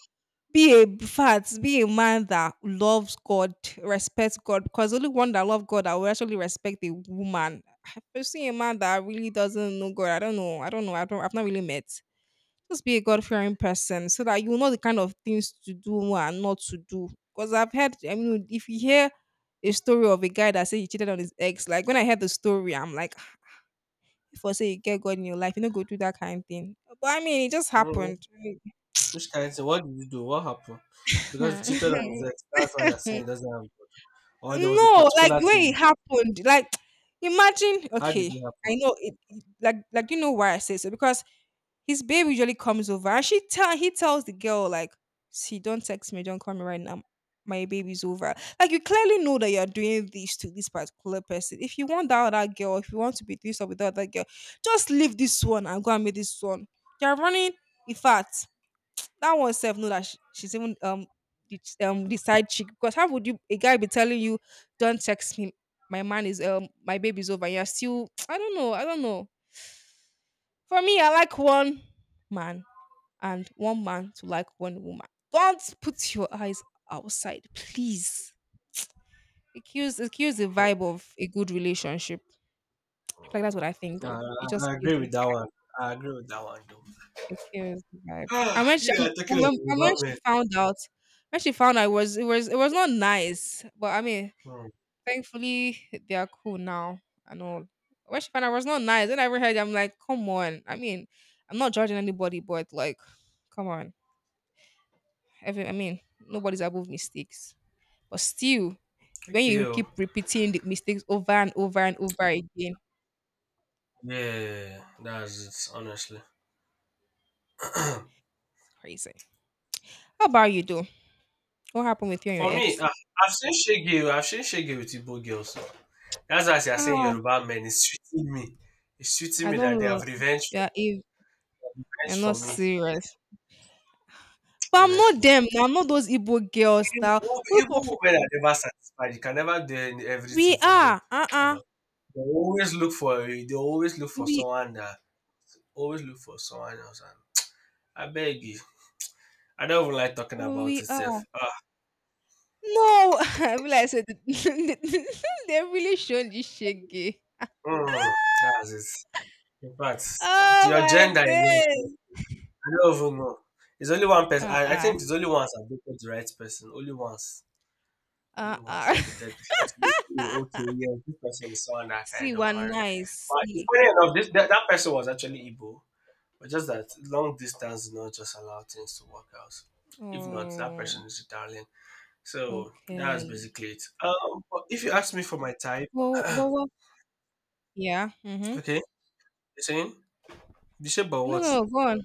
[SPEAKER 1] be a fat, be a man that loves God, respects God, because only one that loves God that will actually respect a woman. I've seen a man that really doesn't know God. I don't know. I don't know. I don't. I've not really met. Just be a God fearing person so that you know the kind of things to do and not to do. Because I've heard, if you hear a story of a guy that said he cheated on his ex, like when I heard the story, I'm like, "Ah, if I say you get God in your life, you don't go do that kind of thing. But I mean, it just
[SPEAKER 2] Hmm.
[SPEAKER 1] happened." <laughs>
[SPEAKER 2] Which kind of what did you do? What happened? Because he
[SPEAKER 1] No,
[SPEAKER 2] cheated on his ex, that's why you're saying he doesn't have God. Or there was a
[SPEAKER 1] like
[SPEAKER 2] particular
[SPEAKER 1] when
[SPEAKER 2] thing.
[SPEAKER 1] it happened, like <tsk> imagine,
[SPEAKER 2] How did
[SPEAKER 1] okay,
[SPEAKER 2] it happen?
[SPEAKER 1] I know it, it- like you know why I say so because his babe usually comes over and she tell he tells the girl like, see, don't text me, don't call me right now. My baby's over. Like you clearly know that you're doing this to this particular person. If you want that other girl, if you want to be this or with that other girl, just leave this one and go and meet this one. You're running. In fact, that one self know that she's even the, the side chick because how would you a guy be telling you don't text me my man is my baby's over, and you're still <tsk> I don't know. I don't know. For me, I like one man and one man to like one woman. Don't put your eyes outside, please. It kills the vibe of a good relationship. I feel like that's what I think
[SPEAKER 2] Hmm. I,
[SPEAKER 1] though.
[SPEAKER 2] I I agree with that one. I agree with that one, though.
[SPEAKER 1] It kills the vibe.
[SPEAKER 2] <sighs> Ah,
[SPEAKER 1] And when she
[SPEAKER 2] talking of
[SPEAKER 1] and when
[SPEAKER 2] Yoruba
[SPEAKER 1] she
[SPEAKER 2] men.
[SPEAKER 1] found out, it was it was not nice. But I mean,
[SPEAKER 2] Hmm.
[SPEAKER 1] thankfully they are cool now and all. When she found out it was not nice, and I ever heard it, I'm like, come on. I mean, I'm not judging anybody, but like, come on. Every nobody's above mistakes. But still, when
[SPEAKER 2] Okay,
[SPEAKER 1] you
[SPEAKER 2] oh.
[SPEAKER 1] keep repeating the mistakes over and over and over again,
[SPEAKER 2] Yeah, that's it. Honestly,
[SPEAKER 1] it's crazy. How about you though? What happened with you and
[SPEAKER 2] for
[SPEAKER 1] your
[SPEAKER 2] me,
[SPEAKER 1] ex?
[SPEAKER 2] I've seen Shege. Oh, I've seen Shege with Igbo girls. That's why you're saying
[SPEAKER 1] Oh,
[SPEAKER 2] Yoruba men. It's treating me. It's treating
[SPEAKER 1] I
[SPEAKER 2] me that
[SPEAKER 1] don't
[SPEAKER 2] they
[SPEAKER 1] know.
[SPEAKER 2] have revenge for
[SPEAKER 1] Yeah, if
[SPEAKER 2] revenge
[SPEAKER 1] you're
[SPEAKER 2] for
[SPEAKER 1] not
[SPEAKER 2] me.
[SPEAKER 1] serious. But I'm not
[SPEAKER 2] Honestly,
[SPEAKER 1] them. Now, I'm not those Igbo girls
[SPEAKER 2] even
[SPEAKER 1] now. We
[SPEAKER 2] even women are never satisfied. You can never do everything
[SPEAKER 1] we
[SPEAKER 2] for them.
[SPEAKER 1] are.
[SPEAKER 2] At
[SPEAKER 1] Uh-uh.
[SPEAKER 2] all. They always look for. They always look for
[SPEAKER 1] We
[SPEAKER 2] someone that. Always look for someone else. And I beg you. I don't even like talking about
[SPEAKER 1] we are.
[SPEAKER 2] itself.
[SPEAKER 1] No, <laughs> I realize it. <laughs> They really shown this shaggy.
[SPEAKER 2] Mm, that's it. In fact,
[SPEAKER 1] Oh
[SPEAKER 2] your
[SPEAKER 1] my
[SPEAKER 2] gender again. Sef,
[SPEAKER 1] days.
[SPEAKER 2] I don't even know. It's only one person. I
[SPEAKER 1] Uh-uh.
[SPEAKER 2] think it's only once I've dated the right person. Only once. Only once
[SPEAKER 1] Uh-uh.
[SPEAKER 2] I've dated the person.
[SPEAKER 1] <laughs>
[SPEAKER 2] Okay, yeah, this person is someone that I can
[SPEAKER 1] See,
[SPEAKER 2] end up
[SPEAKER 1] we're
[SPEAKER 2] marrying.
[SPEAKER 1] nice.
[SPEAKER 2] But it's
[SPEAKER 1] See,
[SPEAKER 2] funny enough, that person was actually Igbo. But just that long distance do not just allow things to work out. If not, that
[SPEAKER 1] oh,
[SPEAKER 2] person is Italian. So that's
[SPEAKER 1] okay. <laughs>
[SPEAKER 2] basically it. But if you ask me for my type, <coughs>
[SPEAKER 1] Well,
[SPEAKER 2] <clears throat>
[SPEAKER 1] but what? Yeah. Mm-hmm.
[SPEAKER 2] okay, you're saying, Bishop, but what?
[SPEAKER 1] No, Go on.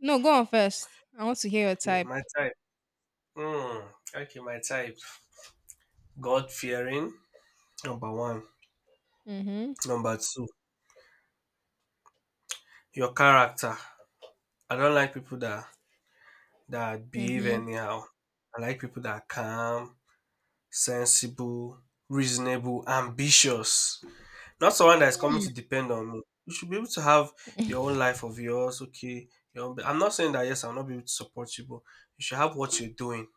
[SPEAKER 1] No, go on first. I want to hear your
[SPEAKER 2] Okay,
[SPEAKER 1] type.
[SPEAKER 2] my type. Okay, my type. God fearing. Number one.
[SPEAKER 1] Mm-hmm.
[SPEAKER 2] Number two. Your character. I don't like people that behave
[SPEAKER 1] Mm-hmm.
[SPEAKER 2] anyhow. I like people that are calm, sensible, reasonable, ambitious. Not someone that is coming
[SPEAKER 1] Mm.
[SPEAKER 2] to depend on me. You should be able to have your own life of yours. Okay. Your own, I'm not saying that yes, I'll not be able to support you, but you should have what you're doing.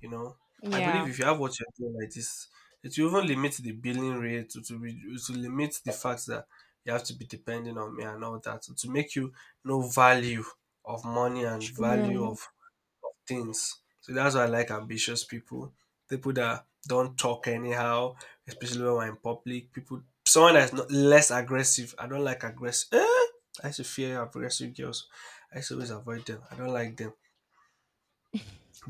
[SPEAKER 2] You know,
[SPEAKER 1] <laughs>
[SPEAKER 2] I believe
[SPEAKER 1] Yeah.
[SPEAKER 2] if you have what you're doing like this, it will even limit the billing rate to limit the fact that you have to be depending on me and all that to make you know value of money and value
[SPEAKER 1] True.
[SPEAKER 2] of things. So that's why I like ambitious people, people that don't talk anyhow, especially when we're in public. Someone that's not less aggressive. I don't like aggressive. Eh? I used to fear aggressive girls. I used to always avoid them. I don't like them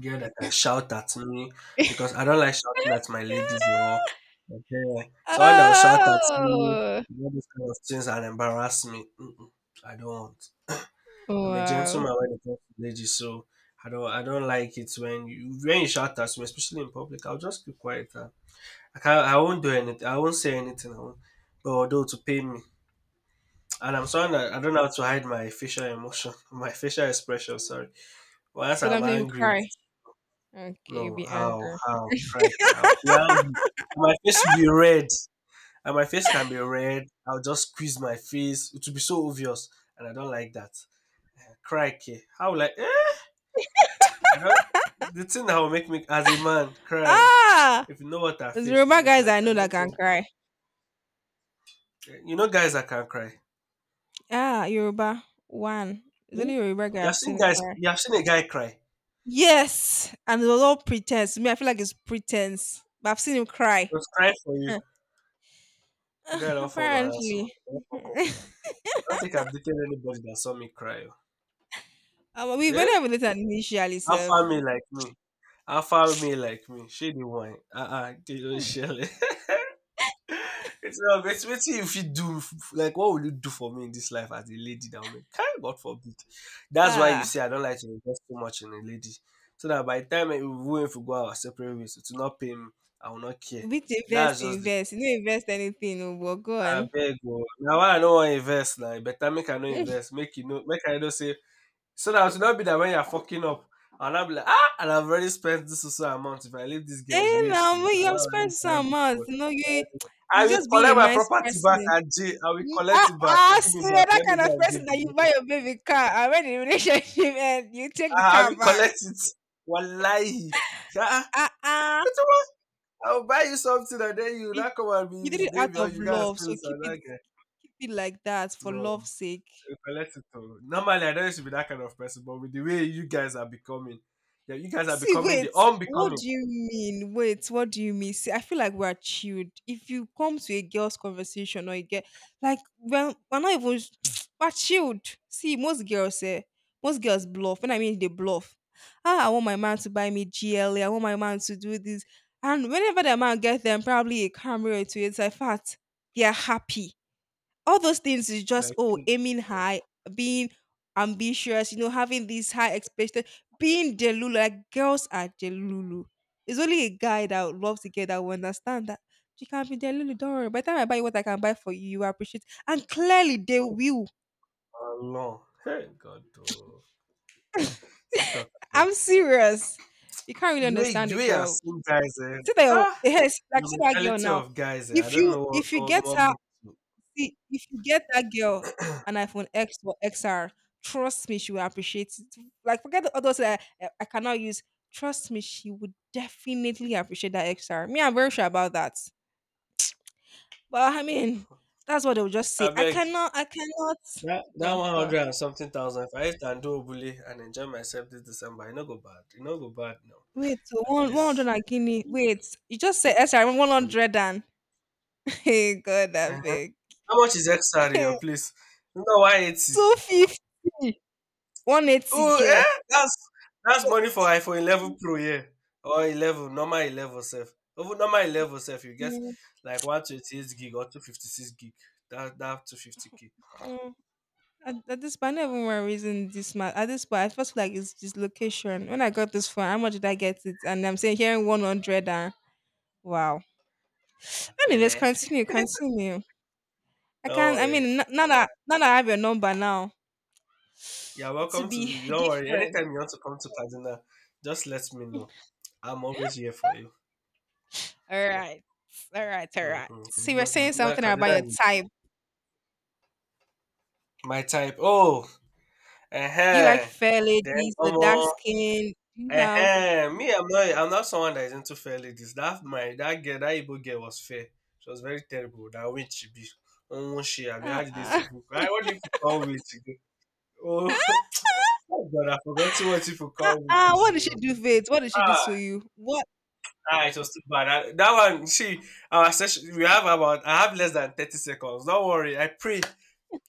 [SPEAKER 2] girl that can shout at me because I don't like shouting at my ladies or
[SPEAKER 1] <laughs>
[SPEAKER 2] okay. Someone that will shout at me,
[SPEAKER 1] Oh.
[SPEAKER 2] you those kind of things and embarrass me. Mm-mm, I don't want. I'm a
[SPEAKER 1] Wow.
[SPEAKER 2] gentleman when it comes to ladies, so I don't like it when you shout at me, especially in public. I'll just keep quiet. And I won't do anything. I won't say anything. I won't. But although to pay me. And I'm someone that I don't know how to hide my facial emotion, <laughs> my facial expression. Sorry, once
[SPEAKER 1] So
[SPEAKER 2] I'm
[SPEAKER 1] that means you
[SPEAKER 2] angry,
[SPEAKER 1] cry. Okay, you
[SPEAKER 2] no,
[SPEAKER 1] be
[SPEAKER 2] how,
[SPEAKER 1] angry.
[SPEAKER 2] crikey, I'll be angry.
[SPEAKER 1] <laughs>
[SPEAKER 2] My face will be red, and my face can be red. I'll just squeeze my face. It will be so obvious, and I don't like that. Crikey, how like eh? I don't. The thing that will make me as a man cry, <tsk>
[SPEAKER 1] ah,
[SPEAKER 2] if you know what I
[SPEAKER 1] there's
[SPEAKER 2] faced in
[SPEAKER 1] Yoruba
[SPEAKER 2] this
[SPEAKER 1] guys I
[SPEAKER 2] life, I
[SPEAKER 1] know that
[SPEAKER 2] don't
[SPEAKER 1] can
[SPEAKER 2] think
[SPEAKER 1] cry.
[SPEAKER 2] eh, you know guys that can cry.
[SPEAKER 1] Ah, Yoruba one. It's
[SPEAKER 2] Eh?
[SPEAKER 1] only Yoruba guy I've seen cry.
[SPEAKER 2] You have seen a guy cry. He
[SPEAKER 1] Yes, and it was all pretense. Me, I feel like it's pretense. But I've seen him cry.
[SPEAKER 2] was crying for
[SPEAKER 1] Huh.
[SPEAKER 2] you. The guy
[SPEAKER 1] Ugh,
[SPEAKER 2] don't form my asshole.
[SPEAKER 1] apparently.
[SPEAKER 2] I don't fuck up.
[SPEAKER 1] <laughs>
[SPEAKER 2] I don't think I've dated anybody that saw me cry.
[SPEAKER 1] We
[SPEAKER 2] Oh.
[SPEAKER 1] went
[SPEAKER 2] Eh?
[SPEAKER 1] over it initially,
[SPEAKER 2] Have
[SPEAKER 1] self.
[SPEAKER 2] family like me. Alpha male like me, shey dey whine. Ah ah, kí ló ń ṣẹlẹ̀? Wetin I <laughs> wetin you fit do f- like what will you do for me in this life as a lady that will make kai God forbid. That's why you
[SPEAKER 1] Ah,
[SPEAKER 2] say I don't like to invest too much in a lady so dat by the time we even if we go our separate ways it will not pay. Me, I will not care.
[SPEAKER 1] which
[SPEAKER 2] That's
[SPEAKER 1] invest,
[SPEAKER 2] just de truth.
[SPEAKER 1] invest. You don't invest anything, oh, but go on.
[SPEAKER 2] Abeg oo, na why I no wan invest na, e better make I no
[SPEAKER 1] <laughs>
[SPEAKER 2] invest make you no make I know say. So that I should not be that when you're fucking up, and I'll be like, ah, and I've already spent this or so amount. If I leave this guy, it's
[SPEAKER 1] And
[SPEAKER 2] waste
[SPEAKER 1] um,
[SPEAKER 2] too.
[SPEAKER 1] when
[SPEAKER 2] I
[SPEAKER 1] you
[SPEAKER 2] don't
[SPEAKER 1] have
[SPEAKER 2] already
[SPEAKER 1] spent
[SPEAKER 2] buy
[SPEAKER 1] some
[SPEAKER 2] this
[SPEAKER 1] amount,
[SPEAKER 2] one.
[SPEAKER 1] you know, you
[SPEAKER 2] I
[SPEAKER 1] you
[SPEAKER 2] will
[SPEAKER 1] just being a
[SPEAKER 2] collect my
[SPEAKER 1] nice
[SPEAKER 2] property back,
[SPEAKER 1] person.
[SPEAKER 2] Ajay. I will
[SPEAKER 1] You—
[SPEAKER 2] collect
[SPEAKER 1] ah,
[SPEAKER 2] it back.
[SPEAKER 1] ah,
[SPEAKER 2] Give
[SPEAKER 1] see,
[SPEAKER 2] me
[SPEAKER 1] you're
[SPEAKER 2] back.
[SPEAKER 1] that
[SPEAKER 2] Let me
[SPEAKER 1] kind of
[SPEAKER 2] go and give
[SPEAKER 1] person
[SPEAKER 2] the
[SPEAKER 1] that you buy
[SPEAKER 2] motor.
[SPEAKER 1] your baby car, and when the relationship <laughs> ends, you take the
[SPEAKER 2] Ah, I
[SPEAKER 1] car
[SPEAKER 2] will
[SPEAKER 1] back.
[SPEAKER 2] collect it. Wallahi. Yeah.
[SPEAKER 1] Ah, ah.
[SPEAKER 2] Get the one. I will buy you something and then you not come and be
[SPEAKER 1] You did
[SPEAKER 2] his
[SPEAKER 1] it out
[SPEAKER 2] baby, or
[SPEAKER 1] of
[SPEAKER 2] you can't
[SPEAKER 1] love,
[SPEAKER 2] steal
[SPEAKER 1] so keep
[SPEAKER 2] some
[SPEAKER 1] it
[SPEAKER 2] that guy.
[SPEAKER 1] keep it like that for
[SPEAKER 2] No.
[SPEAKER 1] love's sake.
[SPEAKER 2] You collect it all. Normally, I don't used to be that kind of person, but with the way you guys are becoming, yeah, you guys are
[SPEAKER 1] See,
[SPEAKER 2] becoming
[SPEAKER 1] wait,
[SPEAKER 2] the
[SPEAKER 1] what
[SPEAKER 2] unbecoming.
[SPEAKER 1] do you mean? Wait, what do you mean? See, I feel like we're chilled. If you come to a girl's conversation or a girl, like we're not even <sniffs> <tsk> we're chilled. See, most girls say most girls bluff. When I mean they bluff. Ah, I want my man to buy me GLA. I want my man to do this. And whenever the man gets them probably a camera to it, it's like fat, they are happy. All those things is just
[SPEAKER 2] Like,
[SPEAKER 1] oh,
[SPEAKER 2] hey,
[SPEAKER 1] aiming high, being ambitious, you know, having these high expectations, being delulu. Like, girls are delulu. It's only a guy that would love to get that will understand that you can't be delulu. Don't worry, by the time I buy you what I can buy for you, you will appreciate, and clearly they
[SPEAKER 2] oh,
[SPEAKER 1] will.
[SPEAKER 2] Allah. Hey, God, oh. Sit talk, like,
[SPEAKER 1] I'm serious. You can't really
[SPEAKER 2] the way,
[SPEAKER 1] understand
[SPEAKER 2] the
[SPEAKER 1] it,
[SPEAKER 2] way I
[SPEAKER 1] girl.
[SPEAKER 2] seen guys, eh,
[SPEAKER 1] See that.
[SPEAKER 2] ah,
[SPEAKER 1] Yes. <laughs> Like,
[SPEAKER 2] the
[SPEAKER 1] see that girl
[SPEAKER 2] mentality
[SPEAKER 1] now.
[SPEAKER 2] of guys, eh, I
[SPEAKER 1] if
[SPEAKER 2] don't
[SPEAKER 1] you
[SPEAKER 2] know
[SPEAKER 1] if you
[SPEAKER 2] what
[SPEAKER 1] get
[SPEAKER 2] more
[SPEAKER 1] her,
[SPEAKER 2] me to.
[SPEAKER 1] see, if you get that girl an iPhone X or XR, trust me, she will appreciate it. Like, forget the others that I cannot use. Trust me, she would definitely appreciate that XR. Me, I'm very sure about that. But I mean, that's what they will just
[SPEAKER 2] I
[SPEAKER 1] say. I
[SPEAKER 2] beg
[SPEAKER 1] cannot, I cannot.
[SPEAKER 2] that
[SPEAKER 1] But
[SPEAKER 2] 100 and something thousand. If I hit and do bully and enjoy myself this December, I no go bad. You no go bad now.
[SPEAKER 1] wait, so
[SPEAKER 2] At
[SPEAKER 1] one hundred
[SPEAKER 2] least.
[SPEAKER 1] and guinea. Wait, you just said XR 100 and <laughs> hey God, that
[SPEAKER 2] Uh-huh.
[SPEAKER 1] big.
[SPEAKER 2] How much is XR in your
[SPEAKER 1] <laughs>
[SPEAKER 2] place? No, 180.
[SPEAKER 1] Two fifty, one eighty
[SPEAKER 2] Oh,
[SPEAKER 1] k.
[SPEAKER 2] eh? That's
[SPEAKER 1] So,
[SPEAKER 2] money for iPhone 11 Pro, yeah, or 11, normal 11 self. Even normal 11 self, you get
[SPEAKER 1] mm,
[SPEAKER 2] like 128 gig or 256 gig. That 250K.
[SPEAKER 1] mm. At this point, I don't even remember reason this man. At this point, I first feel like it's this location. When I got this phone, how much did I get it? And I'm saying hearing 100 and wow. Anyways,
[SPEAKER 2] Bele.
[SPEAKER 1] continue, continue. I
[SPEAKER 2] Don't
[SPEAKER 1] can't, I
[SPEAKER 2] worry.
[SPEAKER 1] mean, now that I have your number now,
[SPEAKER 2] You're
[SPEAKER 1] to
[SPEAKER 2] welcome to.
[SPEAKER 1] be <laughs>
[SPEAKER 2] Don't worry.
[SPEAKER 1] different.
[SPEAKER 2] Anytime you want to come to Kaduna, just let me know. I'm
[SPEAKER 1] Yeah.
[SPEAKER 2] always here for you.
[SPEAKER 1] All right. All right. All right.
[SPEAKER 2] Mm-hmm.
[SPEAKER 1] So you were
[SPEAKER 2] Kaduna,
[SPEAKER 1] saying
[SPEAKER 2] Kaduna,
[SPEAKER 1] something about
[SPEAKER 2] Kaduna
[SPEAKER 1] your
[SPEAKER 2] is
[SPEAKER 1] type.
[SPEAKER 2] my type. Oh,
[SPEAKER 1] Do you like
[SPEAKER 2] uh-huh.
[SPEAKER 1] fair
[SPEAKER 2] Then,
[SPEAKER 1] ladies,
[SPEAKER 2] um,
[SPEAKER 1] the dark skin? Do you have.
[SPEAKER 2] Ehen, me, I'm not someone that is into fair ladies. That Igbo girl was fair. She was very terrible. That witch she be. Oh, she, I be had this to
[SPEAKER 1] Uh-uh.
[SPEAKER 2] fuck. I what if you call witch? Again? Oh, <laughs> oh God, I forgot to what if you call
[SPEAKER 1] Uh-uh. <laughs>
[SPEAKER 2] witches.
[SPEAKER 1] What did she
[SPEAKER 2] Oh.
[SPEAKER 1] do, Faith? What did she do
[SPEAKER 2] Ah,
[SPEAKER 1] to you? What?
[SPEAKER 2] ah, it was too bad. I, that one, she, we have about, I have less than 30 seconds. Don't worry. I pray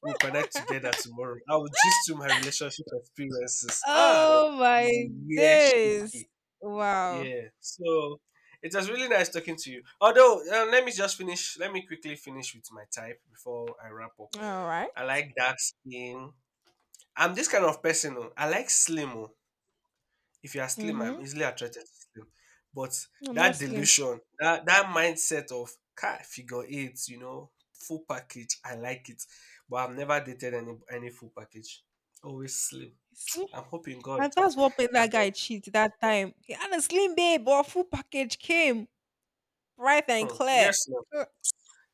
[SPEAKER 2] we'll connect together
[SPEAKER 1] <laughs>
[SPEAKER 2] tomorrow. I will just do my relationship experiences. Ah,
[SPEAKER 1] Oh my
[SPEAKER 2] you will hear
[SPEAKER 1] days.
[SPEAKER 2] shit.
[SPEAKER 1] Wow.
[SPEAKER 2] Yeah. So it was really nice talking to you. Although, let me just finish. Let me quickly finish with my type before I wrap up.
[SPEAKER 1] All right.
[SPEAKER 2] I like dark skin. I'm this kind of person. Oh. I like slim. Oh. If you are slim, I'm
[SPEAKER 1] Mm-hmm.
[SPEAKER 2] easily attracted to slim. But
[SPEAKER 1] I'm not
[SPEAKER 2] that
[SPEAKER 1] slim.
[SPEAKER 2] delusion, that mindset of car figure eight, full package, I like it. But I've never dated any full package. Always slim.
[SPEAKER 1] You see?
[SPEAKER 2] I'm hoping God.
[SPEAKER 1] And that's what made
[SPEAKER 2] I
[SPEAKER 1] that
[SPEAKER 2] beg.
[SPEAKER 1] guy cheat that time. He had a slim babe, but full package came bright and
[SPEAKER 2] Hmm. Yes,
[SPEAKER 1] clear.
[SPEAKER 2] sir.
[SPEAKER 1] Uh,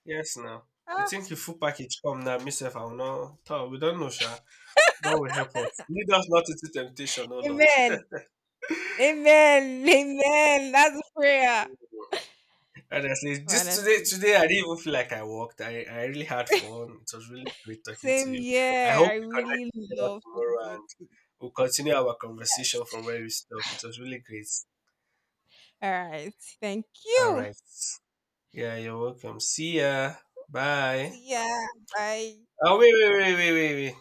[SPEAKER 2] Yes, now. You
[SPEAKER 1] ah,
[SPEAKER 2] think your full package come now, me I will not. Toh, we don't know, sha. God will help us. Lead us not into temptation, oh Lord.
[SPEAKER 1] amen. Amen. Amen. That's a prayer.
[SPEAKER 2] Honestly, this today,
[SPEAKER 1] Honestly.
[SPEAKER 2] today I didn't even feel like I worked. I really had fun. It was really great talking to
[SPEAKER 1] Same
[SPEAKER 2] you. I
[SPEAKER 1] year.
[SPEAKER 2] hope
[SPEAKER 1] I
[SPEAKER 2] we connect
[SPEAKER 1] really
[SPEAKER 2] together
[SPEAKER 1] love
[SPEAKER 2] tomorrow
[SPEAKER 1] Tokuti.
[SPEAKER 2] and we'll continue our
[SPEAKER 1] Yes.
[SPEAKER 2] conversation from where we stopped. It was really great.
[SPEAKER 1] All right. Thank
[SPEAKER 2] All
[SPEAKER 1] you.
[SPEAKER 2] right. Yeah, you're welcome. See ya. Bye.
[SPEAKER 1] See ya. Bye.
[SPEAKER 2] Oh, wait, wait, wait, wait, wait, wait.